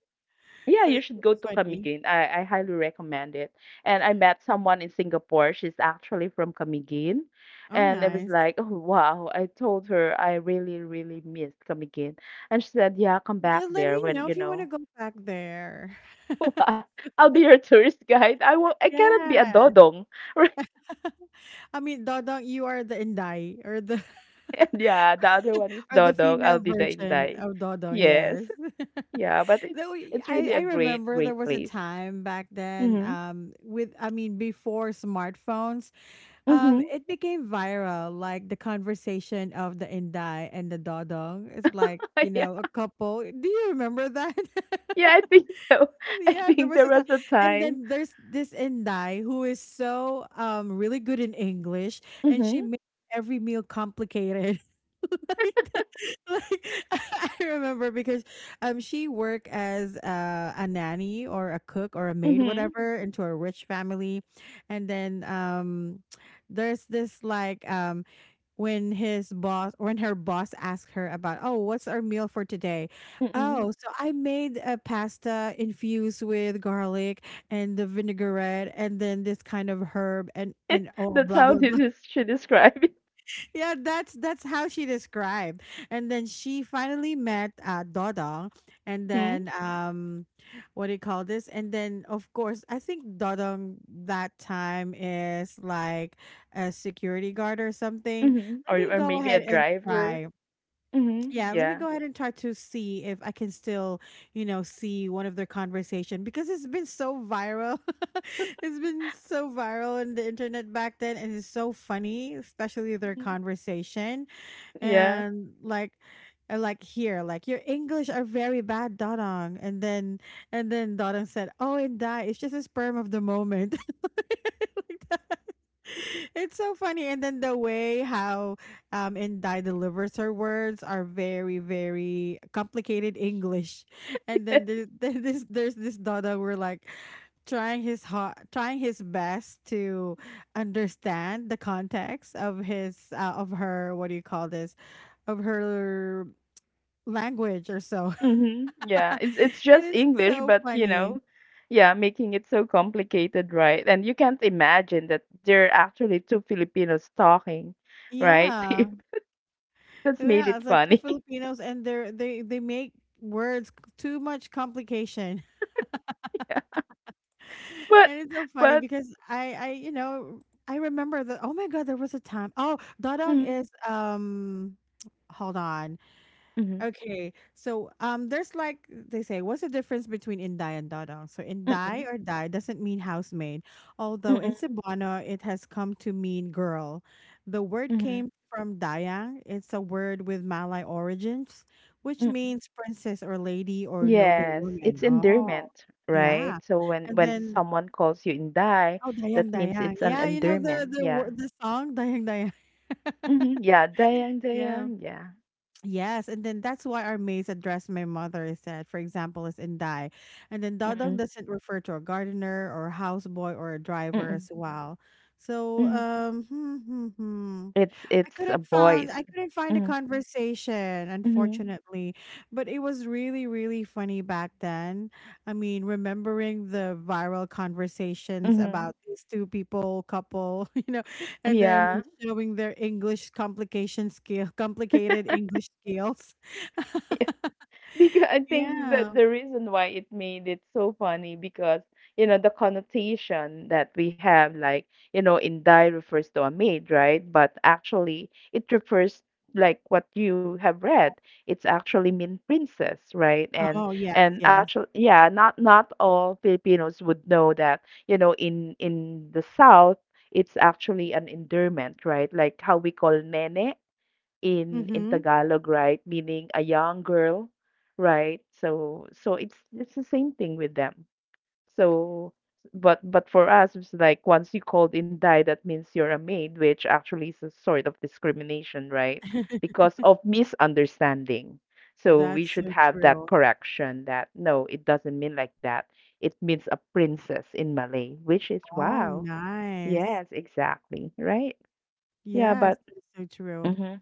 A: Yeah,
B: So
A: you
B: it's
A: should go
B: really
A: to
B: funny.
A: Camiguin. I highly recommend it. And I met someone in Singapore. She's actually from Camiguin.
B: Oh,
A: And I was
B: nice.
A: like, oh, wow. I told her I really, really missed Camiguin. And she said, yeah, come back
B: Just let me
A: there
B: know
A: when,
B: if
A: you
B: you want to
A: know,
B: go back there. (laughs)
A: (laughs) what? I'll be your tourist guide. I will, I cannot be a
B: Yeah.
A: dodong. (laughs) Right?
B: I mean, Dodong, you are the Inday or the (laughs)
A: And yeah, the other one is
B: or the
A: dodong. I'll
B: female
A: be the
B: version
A: inday.
B: of Dodong. Yes.
A: Yes. Yeah, but
B: (laughs) Though we-
A: it's
B: I
A: really
B: I
A: a great,
B: remember there
A: great
B: was a
A: place.
B: time back then
A: Mm-hmm.
B: with before smartphones.
A: Mm-hmm.
B: It became viral, like the conversation of the Inday and the Dodong. It's like, you know, a
A: (laughs)
B: couple. Do you remember that?
A: Yeah,
B: (laughs)
A: I think so. (laughs) I
B: Yeah, there
A: think
B: was
A: there
B: a
A: was
B: time.
A: a
B: And
A: time.
B: then there's this Inday who is so really good in English and she
A: Mhm.
B: made every meal complicated. (laughs) Like, the- like (laughs) I remember because she worked as a nanny or a cook or a maid
A: Mhm.
B: whatever into a rich family, and then there's this like when her boss asked her about, oh, what's our meal for today?
A: Mm-mm.
B: Oh, so I made a pasta infused with garlic and the vinaigrette, and then this kind of herb, and
A: (laughs)
B: oh,
A: That's
B: blah
A: how
B: blah
A: did
B: blah.
A: this she describe it.
B: Yeah, that's how she described. And then she finally met Dodong, and
A: Mhm.
B: then what do you call this? And then of course, I think Dodong that time is like a security guard or something.
A: Mhm.
B: Let me
A: Or
B: go
A: maybe
B: ahead
A: a
B: and
A: driver.
B: try.
A: Mhm.
B: Yeah, let me
A: Yeah.
B: go ahead and try to see if I can still, you know, see one of their conversation because it's been so viral. (laughs) It's been so viral on the internet back then, and it's so funny, especially their
A: Mhm.
B: conversation,
A: Yeah.
B: and like here like your english are very bad dodong, and then dodong said, oh and die, it's just a sperm of the moment. (laughs) Like that. It's so funny, and then the way how indai delivers her words are very very complicated english, and then there's,
A: (laughs)
B: there's (laughs) this dodong where like trying his hot, trying his best to understand the context of his of her, what do you call this, of her language or so.
A: Yes. Mhm.
B: (laughs)
A: Yeah.
B: And
A: It's just
B: it's
A: English,
B: so
A: but you know,
B: funny.
A: yeah, making it so complicated, right? And you can't imagine that there are actually two Filipinos talking, right?
B: Yeah.
A: (laughs) That's made
B: Yeah,
A: it
B: it's like two
A: funny. (laughs)
B: Filipinos and they make words c- too much complication. (laughs)
A: Yeah. But
B: And it's so funny
A: but
B: because I you know, I remember that, oh my god, there was a time. Oh, dodong
A: mm-hmm.
B: is hold on.
A: Mm-hmm.
B: Okay, so there's like they say, what's the difference between Inday and Dodong? So Inday
A: Mm-mm.
B: or Dai doesn't mean housemaid, although in Cebuano it has come to mean girl. The word
A: Mhm,
B: came from Dayang. It's a word with Malay origins, which
A: mhm.
B: means princess or lady or noble
A: Yes,
B: woman.
A: it's
B: Oh,
A: endearment,
B: yeah,
A: right? So when
B: and then
A: someone calls you Inday,
B: oh Dayang
A: that means
B: Dayang,
A: it's an
B: yeah, you know
A: endearment.
B: the wor-
A: Yeah.
B: the song Dayang Dayang,
A: Hmm. Yeah, Dayang,
B: (laughs) yeah.
A: Dayang. Yeah.
B: Yes, and then that's why our maids address my mother is that, for example, is Inday. And then Dodong
A: Mm-mm,
B: doesn't refer to a gardener or houseboy or a driver
A: mm-mm,
B: as well. So,
A: mm-hmm. It's a voice.
B: I couldn't find a
A: Mm-hmm,
B: conversation,
A: mm-hmm,
B: unfortunately. But it was really, really funny back then. I mean, remembering the viral conversations
A: mm-hmm.
B: about these two people, couple, (laughs) you know, and then
A: Yeah.
B: showing their English complication skill complicated English skills.
A: (laughs) (laughs) Because I think that
B: Yeah.
A: the reason why it made it so funny because you know the connotation that we have, like you know, inday refers to a maid, right? But actually, it refers like what you have read. It's actually mean princess, right?
B: Oh yes,
A: And
B: yes.
A: actually, yeah, not all Filipinos would know that, you know, in the south. It's actually an endearment, right? Like how we call nene in
B: Mm-hmm.
A: Tagalog, right? Meaning a young girl, right? So it's the same thing with them. So but for us it's like once you called in Thai, that means you're a maid, which actually is a sort of discrimination, right?
B: (laughs)
A: Because of misunderstanding. So we
B: That's
A: should
B: so
A: have that
B: true.
A: correction that no, it doesn't mean like that. It means a princess in Malay, which is
B: Oh
A: wow.
B: nice.
A: Yes, exactly. Right? Yeah, but
B: Yes, that's so true.
A: mm-hmm,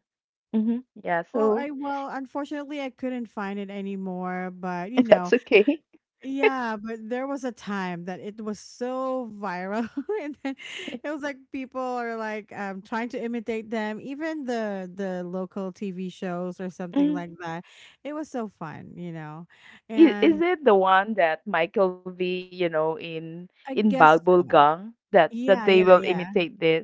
A: mm-hmm. Yeah,
B: Well,
A: so
B: I well, unfortunately, I couldn't find it anymore. But you
A: that's
B: know,
A: okay.
B: yeah. But there was a time that it was so viral, (laughs) and then it was like people are like trying to imitate them, even the local TV shows or something like
A: Mm.
B: that. It was so fun, you know,
A: Is
B: and
A: it the one that Michael V, you know, in
B: I guess so.
A: Bubblegum that that
B: Yeah,
A: they will
B: yeah, yeah.
A: imitate this?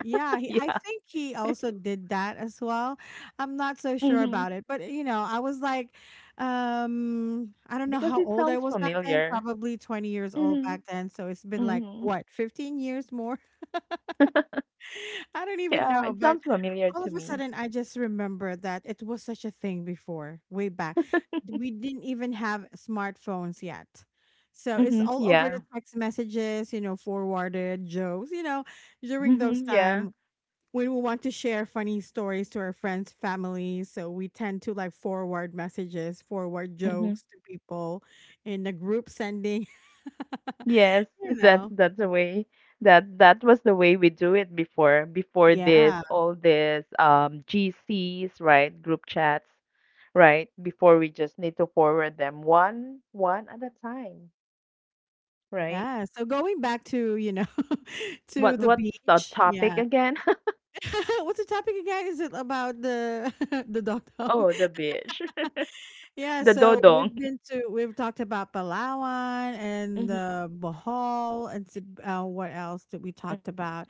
B: Yeah,
A: (laughs)
B: he, I
A: Yeah.
B: think he also did that as well. I'm not so sure
A: Hmm.
B: about it, but you know, I was like, I don't know
A: Because
B: how
A: it
B: old I
A: sounds
B: was back then,
A: familiar.
B: probably 20 years old
A: Hmm.
B: back then. So it's been like
A: Hmm.
B: what, 15 years more? (laughs) I don't even
A: Yeah,
B: know.
A: it
B: But
A: sounds familiar
B: all of
A: to
B: a
A: me.
B: sudden, I just remember that it was such a thing before, way back. We didn't even have smartphones yet. So it's
A: Hmm.
B: all over the
A: Yeah.
B: text messages, you know, forwarded jokes, you know, during those
A: Hmm. Yeah.
B: time we want to share funny stories to our friends, family. So we tend to like forward messages, forward
A: Hmm.
B: jokes to people in the group sending, (laughs)
A: Yes,
B: you
A: (laughs)
B: know.
A: that's the way that that was the way we do it before before this
B: Yeah.
A: all this GCs, right? Group chats, right? Before we just need to forward them one at a time, right?
B: Yeah. So going back to, you know, (laughs) to
A: What
B: the
A: what's the
B: beach.
A: topic
B: Yeah.
A: again?
B: (laughs) What's the topic again? Is it about the (laughs) the dog
A: (laughs) Oh, the
B: (laughs)
A: beach, (laughs)
B: Yeah,
A: the
B: so
A: dodong.
B: we've
A: (laughs)
B: been to we've talked about Palawan and
A: Mhm,
B: Bohol and s- what else did we
A: mhm.
B: talked about?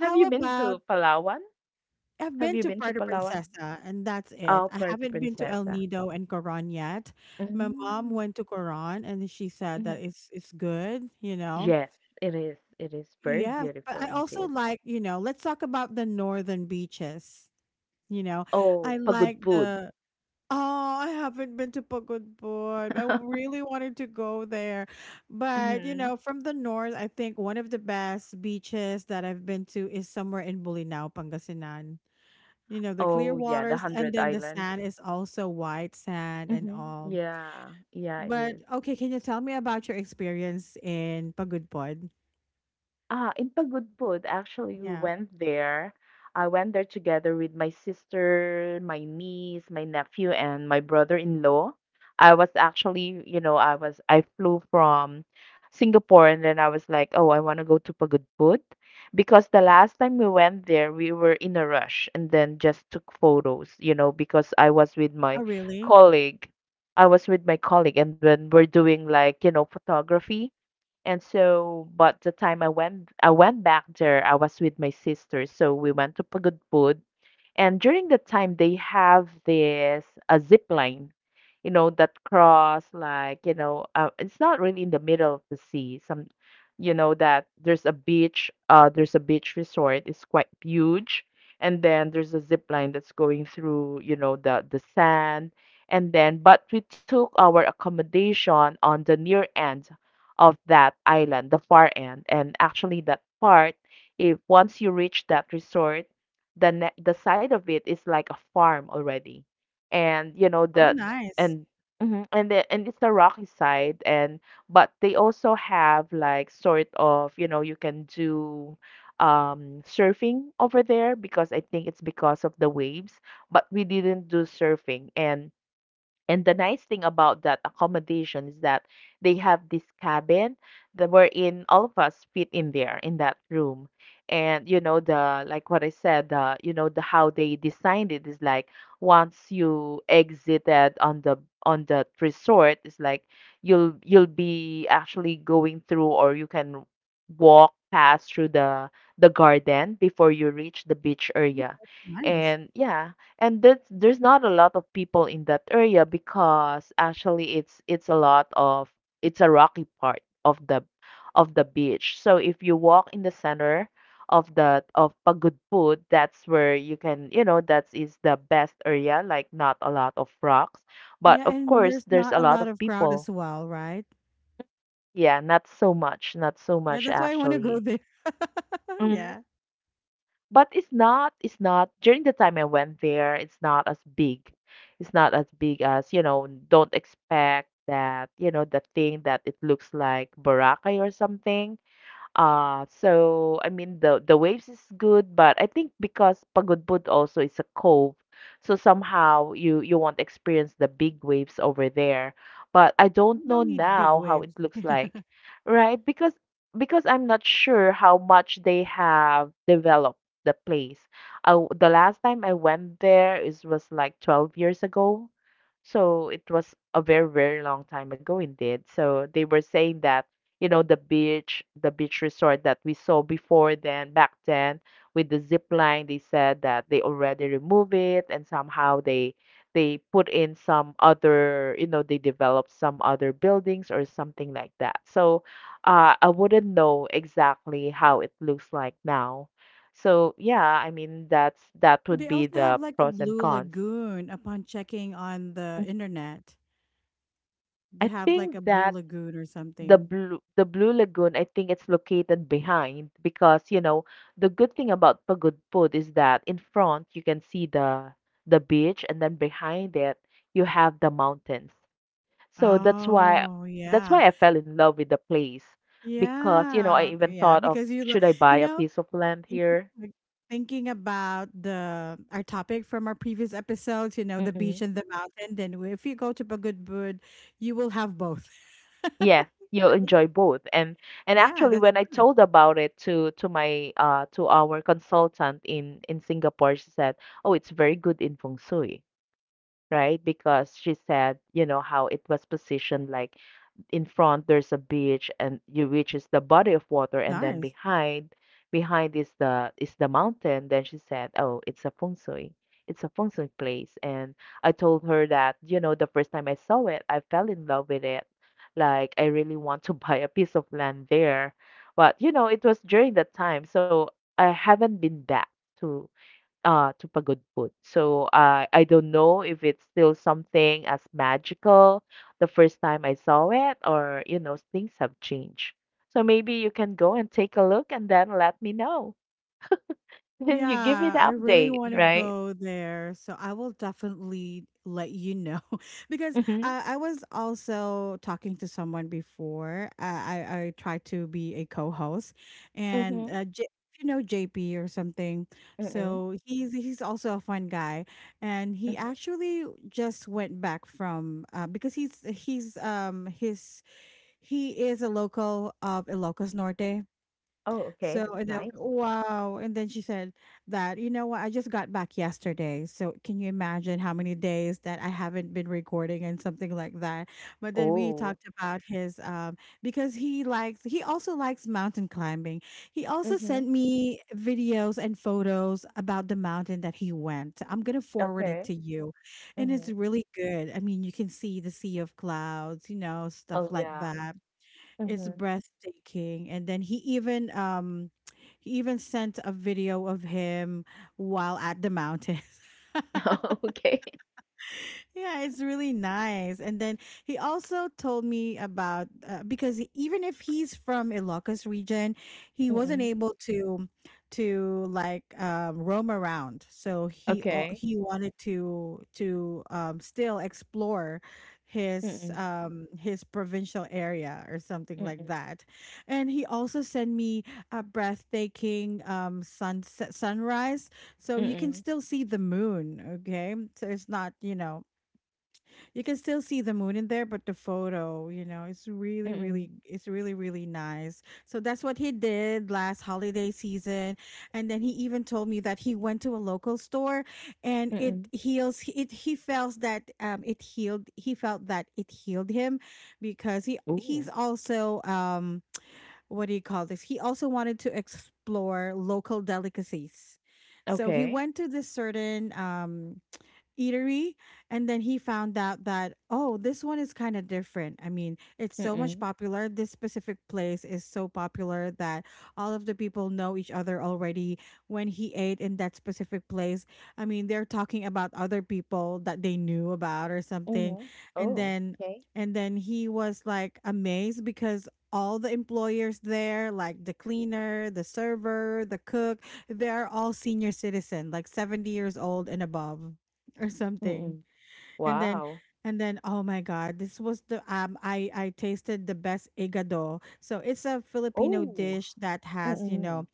A: Have you been
B: about
A: to Palawan?
B: I've
A: Have
B: been
A: you
B: to
A: been to
B: Puerto
A: Palawan?
B: Princesa and that's it.
A: Oh,
B: I
A: Puerto
B: haven't been to El
A: Princesa.
B: Nido and Coron yet. My mom
A: Mm.
B: went to Coron and she said
A: Mhm.
B: that it's good, you know.
A: Yes, it is. It is very
B: Yes, but
A: beautiful
B: I also
A: indeed.
B: like, you know, let's talk about the northern beaches. You know,
A: Oh,
B: I like
A: Pagudpud.
B: the Oh, I haven't been to Pagod Boy. I
A: (laughs)
B: really wanted to go there. But, you
A: Hmm.
B: know, from the north, I think one of the best beaches that I've been to is somewhere in Bulinaw, Pangasinan. You know, the clear
A: Oh, yeah, the
B: waters and
A: Hundred
B: then the
A: Islands.
B: sand is also white sand and
A: Hmm.
B: all.
A: Yeah, yeah, it
B: But
A: is.
B: okay, can you tell me about your experience in Pagudpod?
A: Ah, in Pagudpud, actually, we
B: Yeah.
A: went there. I went there together with my sister, my niece, my nephew, and my brother-in-law. I was actually, you know, I flew from Singapore and then I was like, oh, I want to go to Pagudpud because the last time we went there, we were in a rush and then just took photos, you know, because I was with my
B: Oh, really?
A: colleague. I was with my colleague and when we're doing like, you know, photography. And so, but the time I went back there, I was with my sister, so we went to Pagudpud, and during that time, they have this a zip line, you know, that cross like, you know, it's not really in the middle of the sea. Some, you know, that there's a beach resort. It's quite huge. And then there's a zip line that's going through, you know, the sand. And then, but we took our accommodation on the near end of that island, the far end. And actually, that part, if once you reach that resort, the side of it is like a farm already and you know
B: Oh,
A: the
B: nice.
A: and mhm, and and it's the rocky side. And but they also have like sort of, you know, you can do surfing over there because I think it's because of the waves, but we didn't do surfing. And the nice thing about that accommodation is that they have this cabin that wherein all of us fit in there in that room. And you know the like what I said, the you know the how they designed it is like once you exited on the resort, it's like you'll be actually going through, or you can walk past through the garden before you reach the beach
B: Mm,
A: area.
B: that's nice.
A: And yeah, and that's there's not a lot of people in that area because actually it's a rocky part of the beach. So if you walk in the center of the of Pagudpud, that's where you can, you know, that is the best area, like not a lot of rocks, but
B: Yeah,
A: of
B: and
A: course
B: there's
A: there's
B: not
A: a
B: a
A: lot
B: lot
A: of
B: of crowd
A: people.
B: as well, right?
A: Yeah, not so much, not so
B: Yeah,
A: much
B: that's why I want to go
A: actually.
B: there. (laughs)
A: Mm-hmm.
B: Yeah.
A: But it's not, it's not. During the time I went there, it's not as big. It's not as big as, you know, don't expect that, you know, the thing that it looks like Boracay or something. So I mean, the waves is good, but I think because Pagudbud also is a cove, so somehow you won't experience the big waves over there. But I
B: You
A: don't know
B: don't need big
A: now how it
B: waves.
A: looks
B: (laughs)
A: like, right? Because I'm not sure how much they have developed the place. The last time I went there is was like 12 years ago. So it was a very, very long time ago indeed. So they were saying that, you know, the beach resort that we saw before then, back then, with the zip line, they said that they already remove it and somehow they put in some other, you know, they developed some other buildings or something like that. So I wouldn't know exactly how it looks like now. So yeah, I mean
B: Yeah.
A: that
B: Well, they
A: would be
B: also have
A: the
B: like a
A: pros and
B: blue
A: cons.
B: lagoon upon checking on
A: Mhm.
B: the internet. They
A: I
B: have like
A: think
B: a blue
A: that
B: lagoon or something.
A: the Blue Lagoon, I think it's located behind because, you know, the good thing about Pagudpud is that in front you can see the beach, and then behind it you have the mountains. So that's why
B: Oh,
A: I
B: yeah.
A: fell in love with the place, because, you know, I
B: Yeah,
A: even thought
B: yeah,
A: of,
B: because you,
A: should
B: lo-
A: I buy
B: you
A: a
B: know,
A: piece of land
B: y-
A: here?
B: like, thinking about the our topic from our previous episodes, you know, the beach and the mountain. Then w- if you go to Pagudbud, you will have both.
A: Yeah,
B: (laughs)
A: you'll enjoy both. And
B: Yeah,
A: actually
B: that's
A: when I
B: nice.
A: told about it to my to our consultant in Singapore, she said, "Oh, it's very good in feng shui." Right? Because she said, you know, how it was positioned, like in front there's a beach and you, which is the body of water, and then
B: Nice.
A: behind is the mountain. Then she said, oh, it's a feng shui, place. And I told her that, you know, the first time I saw it, I fell in love with it, like I really want to (laughs) buy a piece of land there. But you know, it was during that time, so I haven't been back to to Pagod Food. So I don't know if it's still something as magical the first time I saw it, or you know, things have changed. So maybe you can go and take a look and then let me know. (laughs) You give me
B: Yeah,
A: the
B: I really
A: update,
B: want to
A: right?
B: go there, so I will definitely let you know (laughs) because
A: Mhm.
B: I was also talking to someone before. I tried to be a co-host, and
A: Mhm.
B: J- you know JP or something.
A: Mhm.
B: So he's also a fun guy, and he
A: Mhm.
B: actually just went back from because he's his he is a local of Ilocos Norte,
A: Oh, okay,
B: so
A: that's
B: and I was
A: nice.
B: like, wow. And then she said that, you know what, I just got back yesterday. So can you imagine how many days that I haven't been recording and something like that? But then we
A: Oh.
B: talked about his because he likes he also likes mountain climbing. He also
A: Mhm.
B: sent me videos and photos about the mountain that he went. I'm gonna forward it
A: Okay.
B: to you. And it's
A: Mhm.
B: really good. I mean, you can see the sea of clouds, you know, stuff
A: Oh
B: like
A: yeah.
B: that. It's
A: Mhm.
B: breathtaking. And then he even sent a video of him while at the mountain. (laughs)
A: (laughs) okay.
B: Yeah, it's really nice. And then he also told me about because even if he's from Ilocos region, he wasn't
A: Mm-mm.
B: able to like roam around. So he al-
A: Okay.
B: he wanted to still explore
A: Mm-mm.
B: his provincial area or something like
A: Mm-mm.
B: that. And he also sent me a breathtaking sunset sunrise so you can
A: Mm-mm.
B: still see the moon, okay, so it's not, you know, you can still see the moon in there, but the photo, you know, it's really
A: Mm-mm.
B: really, it's really really nice. So that's what he did last holiday season, and then he even told me that he went to a local store and it
A: Mm-mm.
B: heals it he feels that it healed he felt that it healed him because he's
A: Ooh.
B: also what do you call this, he also wanted to explore local delicacies. So he
A: Okay.
B: went to this certain eatery, and then he found out that, oh, this one is kind of different. I mean, it's so much
A: Mm-mm.
B: popular, this specific place is so popular that all of the people know each other already. When he ate in that specific place, I mean they're talking about other people that they knew about or something.
A: Mhm.
B: And
A: Oh,
B: then
A: okay.
B: and then he was like amazed because all the employers there, like the cleaner, the server, the cook, they're all senior citizen like 70 years old and above or something.
A: Mm-mm.
B: And then
A: Wow.
B: and then oh my god, this was the I tasted the best igado. So it's a Filipino
A: Oh.
B: dish that has, you know,
A: Mm-mm.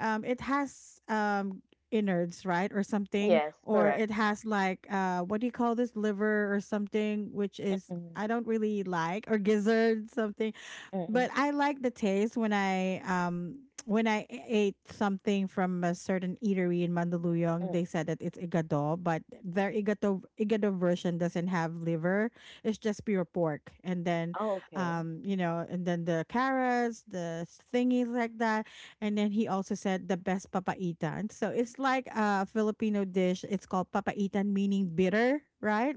B: it has innards, right? Or something,
A: Yes,
B: or
A: correct.
B: it has like what do you call this, liver or something, which is
A: Mm-mm.
B: I don't really like, or gizzard something,
A: Mm-mm.
B: but I like the taste when I e-, ate something from a certain eatery in Mandaluyong.
A: Mm.
B: They said that it's igado, but their igado version doesn't have liver. It's just pure pork, and then,
A: Oh, okay.
B: you know, and then the carrots, the thingies like that, and then he also said the best papaitan. So it's like a Filipino dish. It's called papaitan, meaning bitter, right?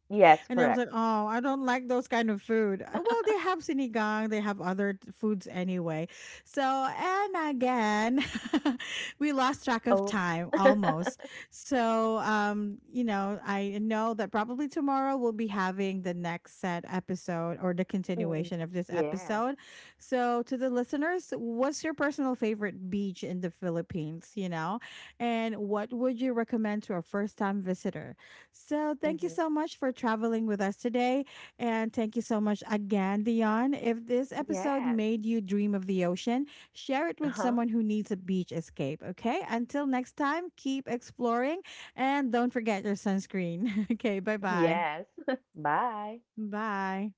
A: Yes,
B: And I was
A: correct.
B: like, oh, I don't like those kind of food. Well, they have sinigang, they have other t- foods anyway. So, and again, (laughs) we lost track of
A: Oops.
B: time
A: (laughs)
B: almost. So, you know, I know that probably tomorrow we'll be having the next set episode or the
A: Mm-mm.
B: continuation of this
A: Yes.
B: episode. So, to the listeners, what's your personal favorite beach in the Philippines? You know, and what would you recommend to a first time visitor? So, thank you
A: Mm-hmm.
B: so much for traveling with us today. And thank you so much again, Dion. If this episode
A: Yes.
B: made you dream of the ocean, share it with
A: Uh-huh.
B: someone who needs a beach escape, okay? Until next time, keep exploring and don't forget your sunscreen. (laughs) Okay, bye-bye.
A: Yes. (laughs) Bye.
B: Bye.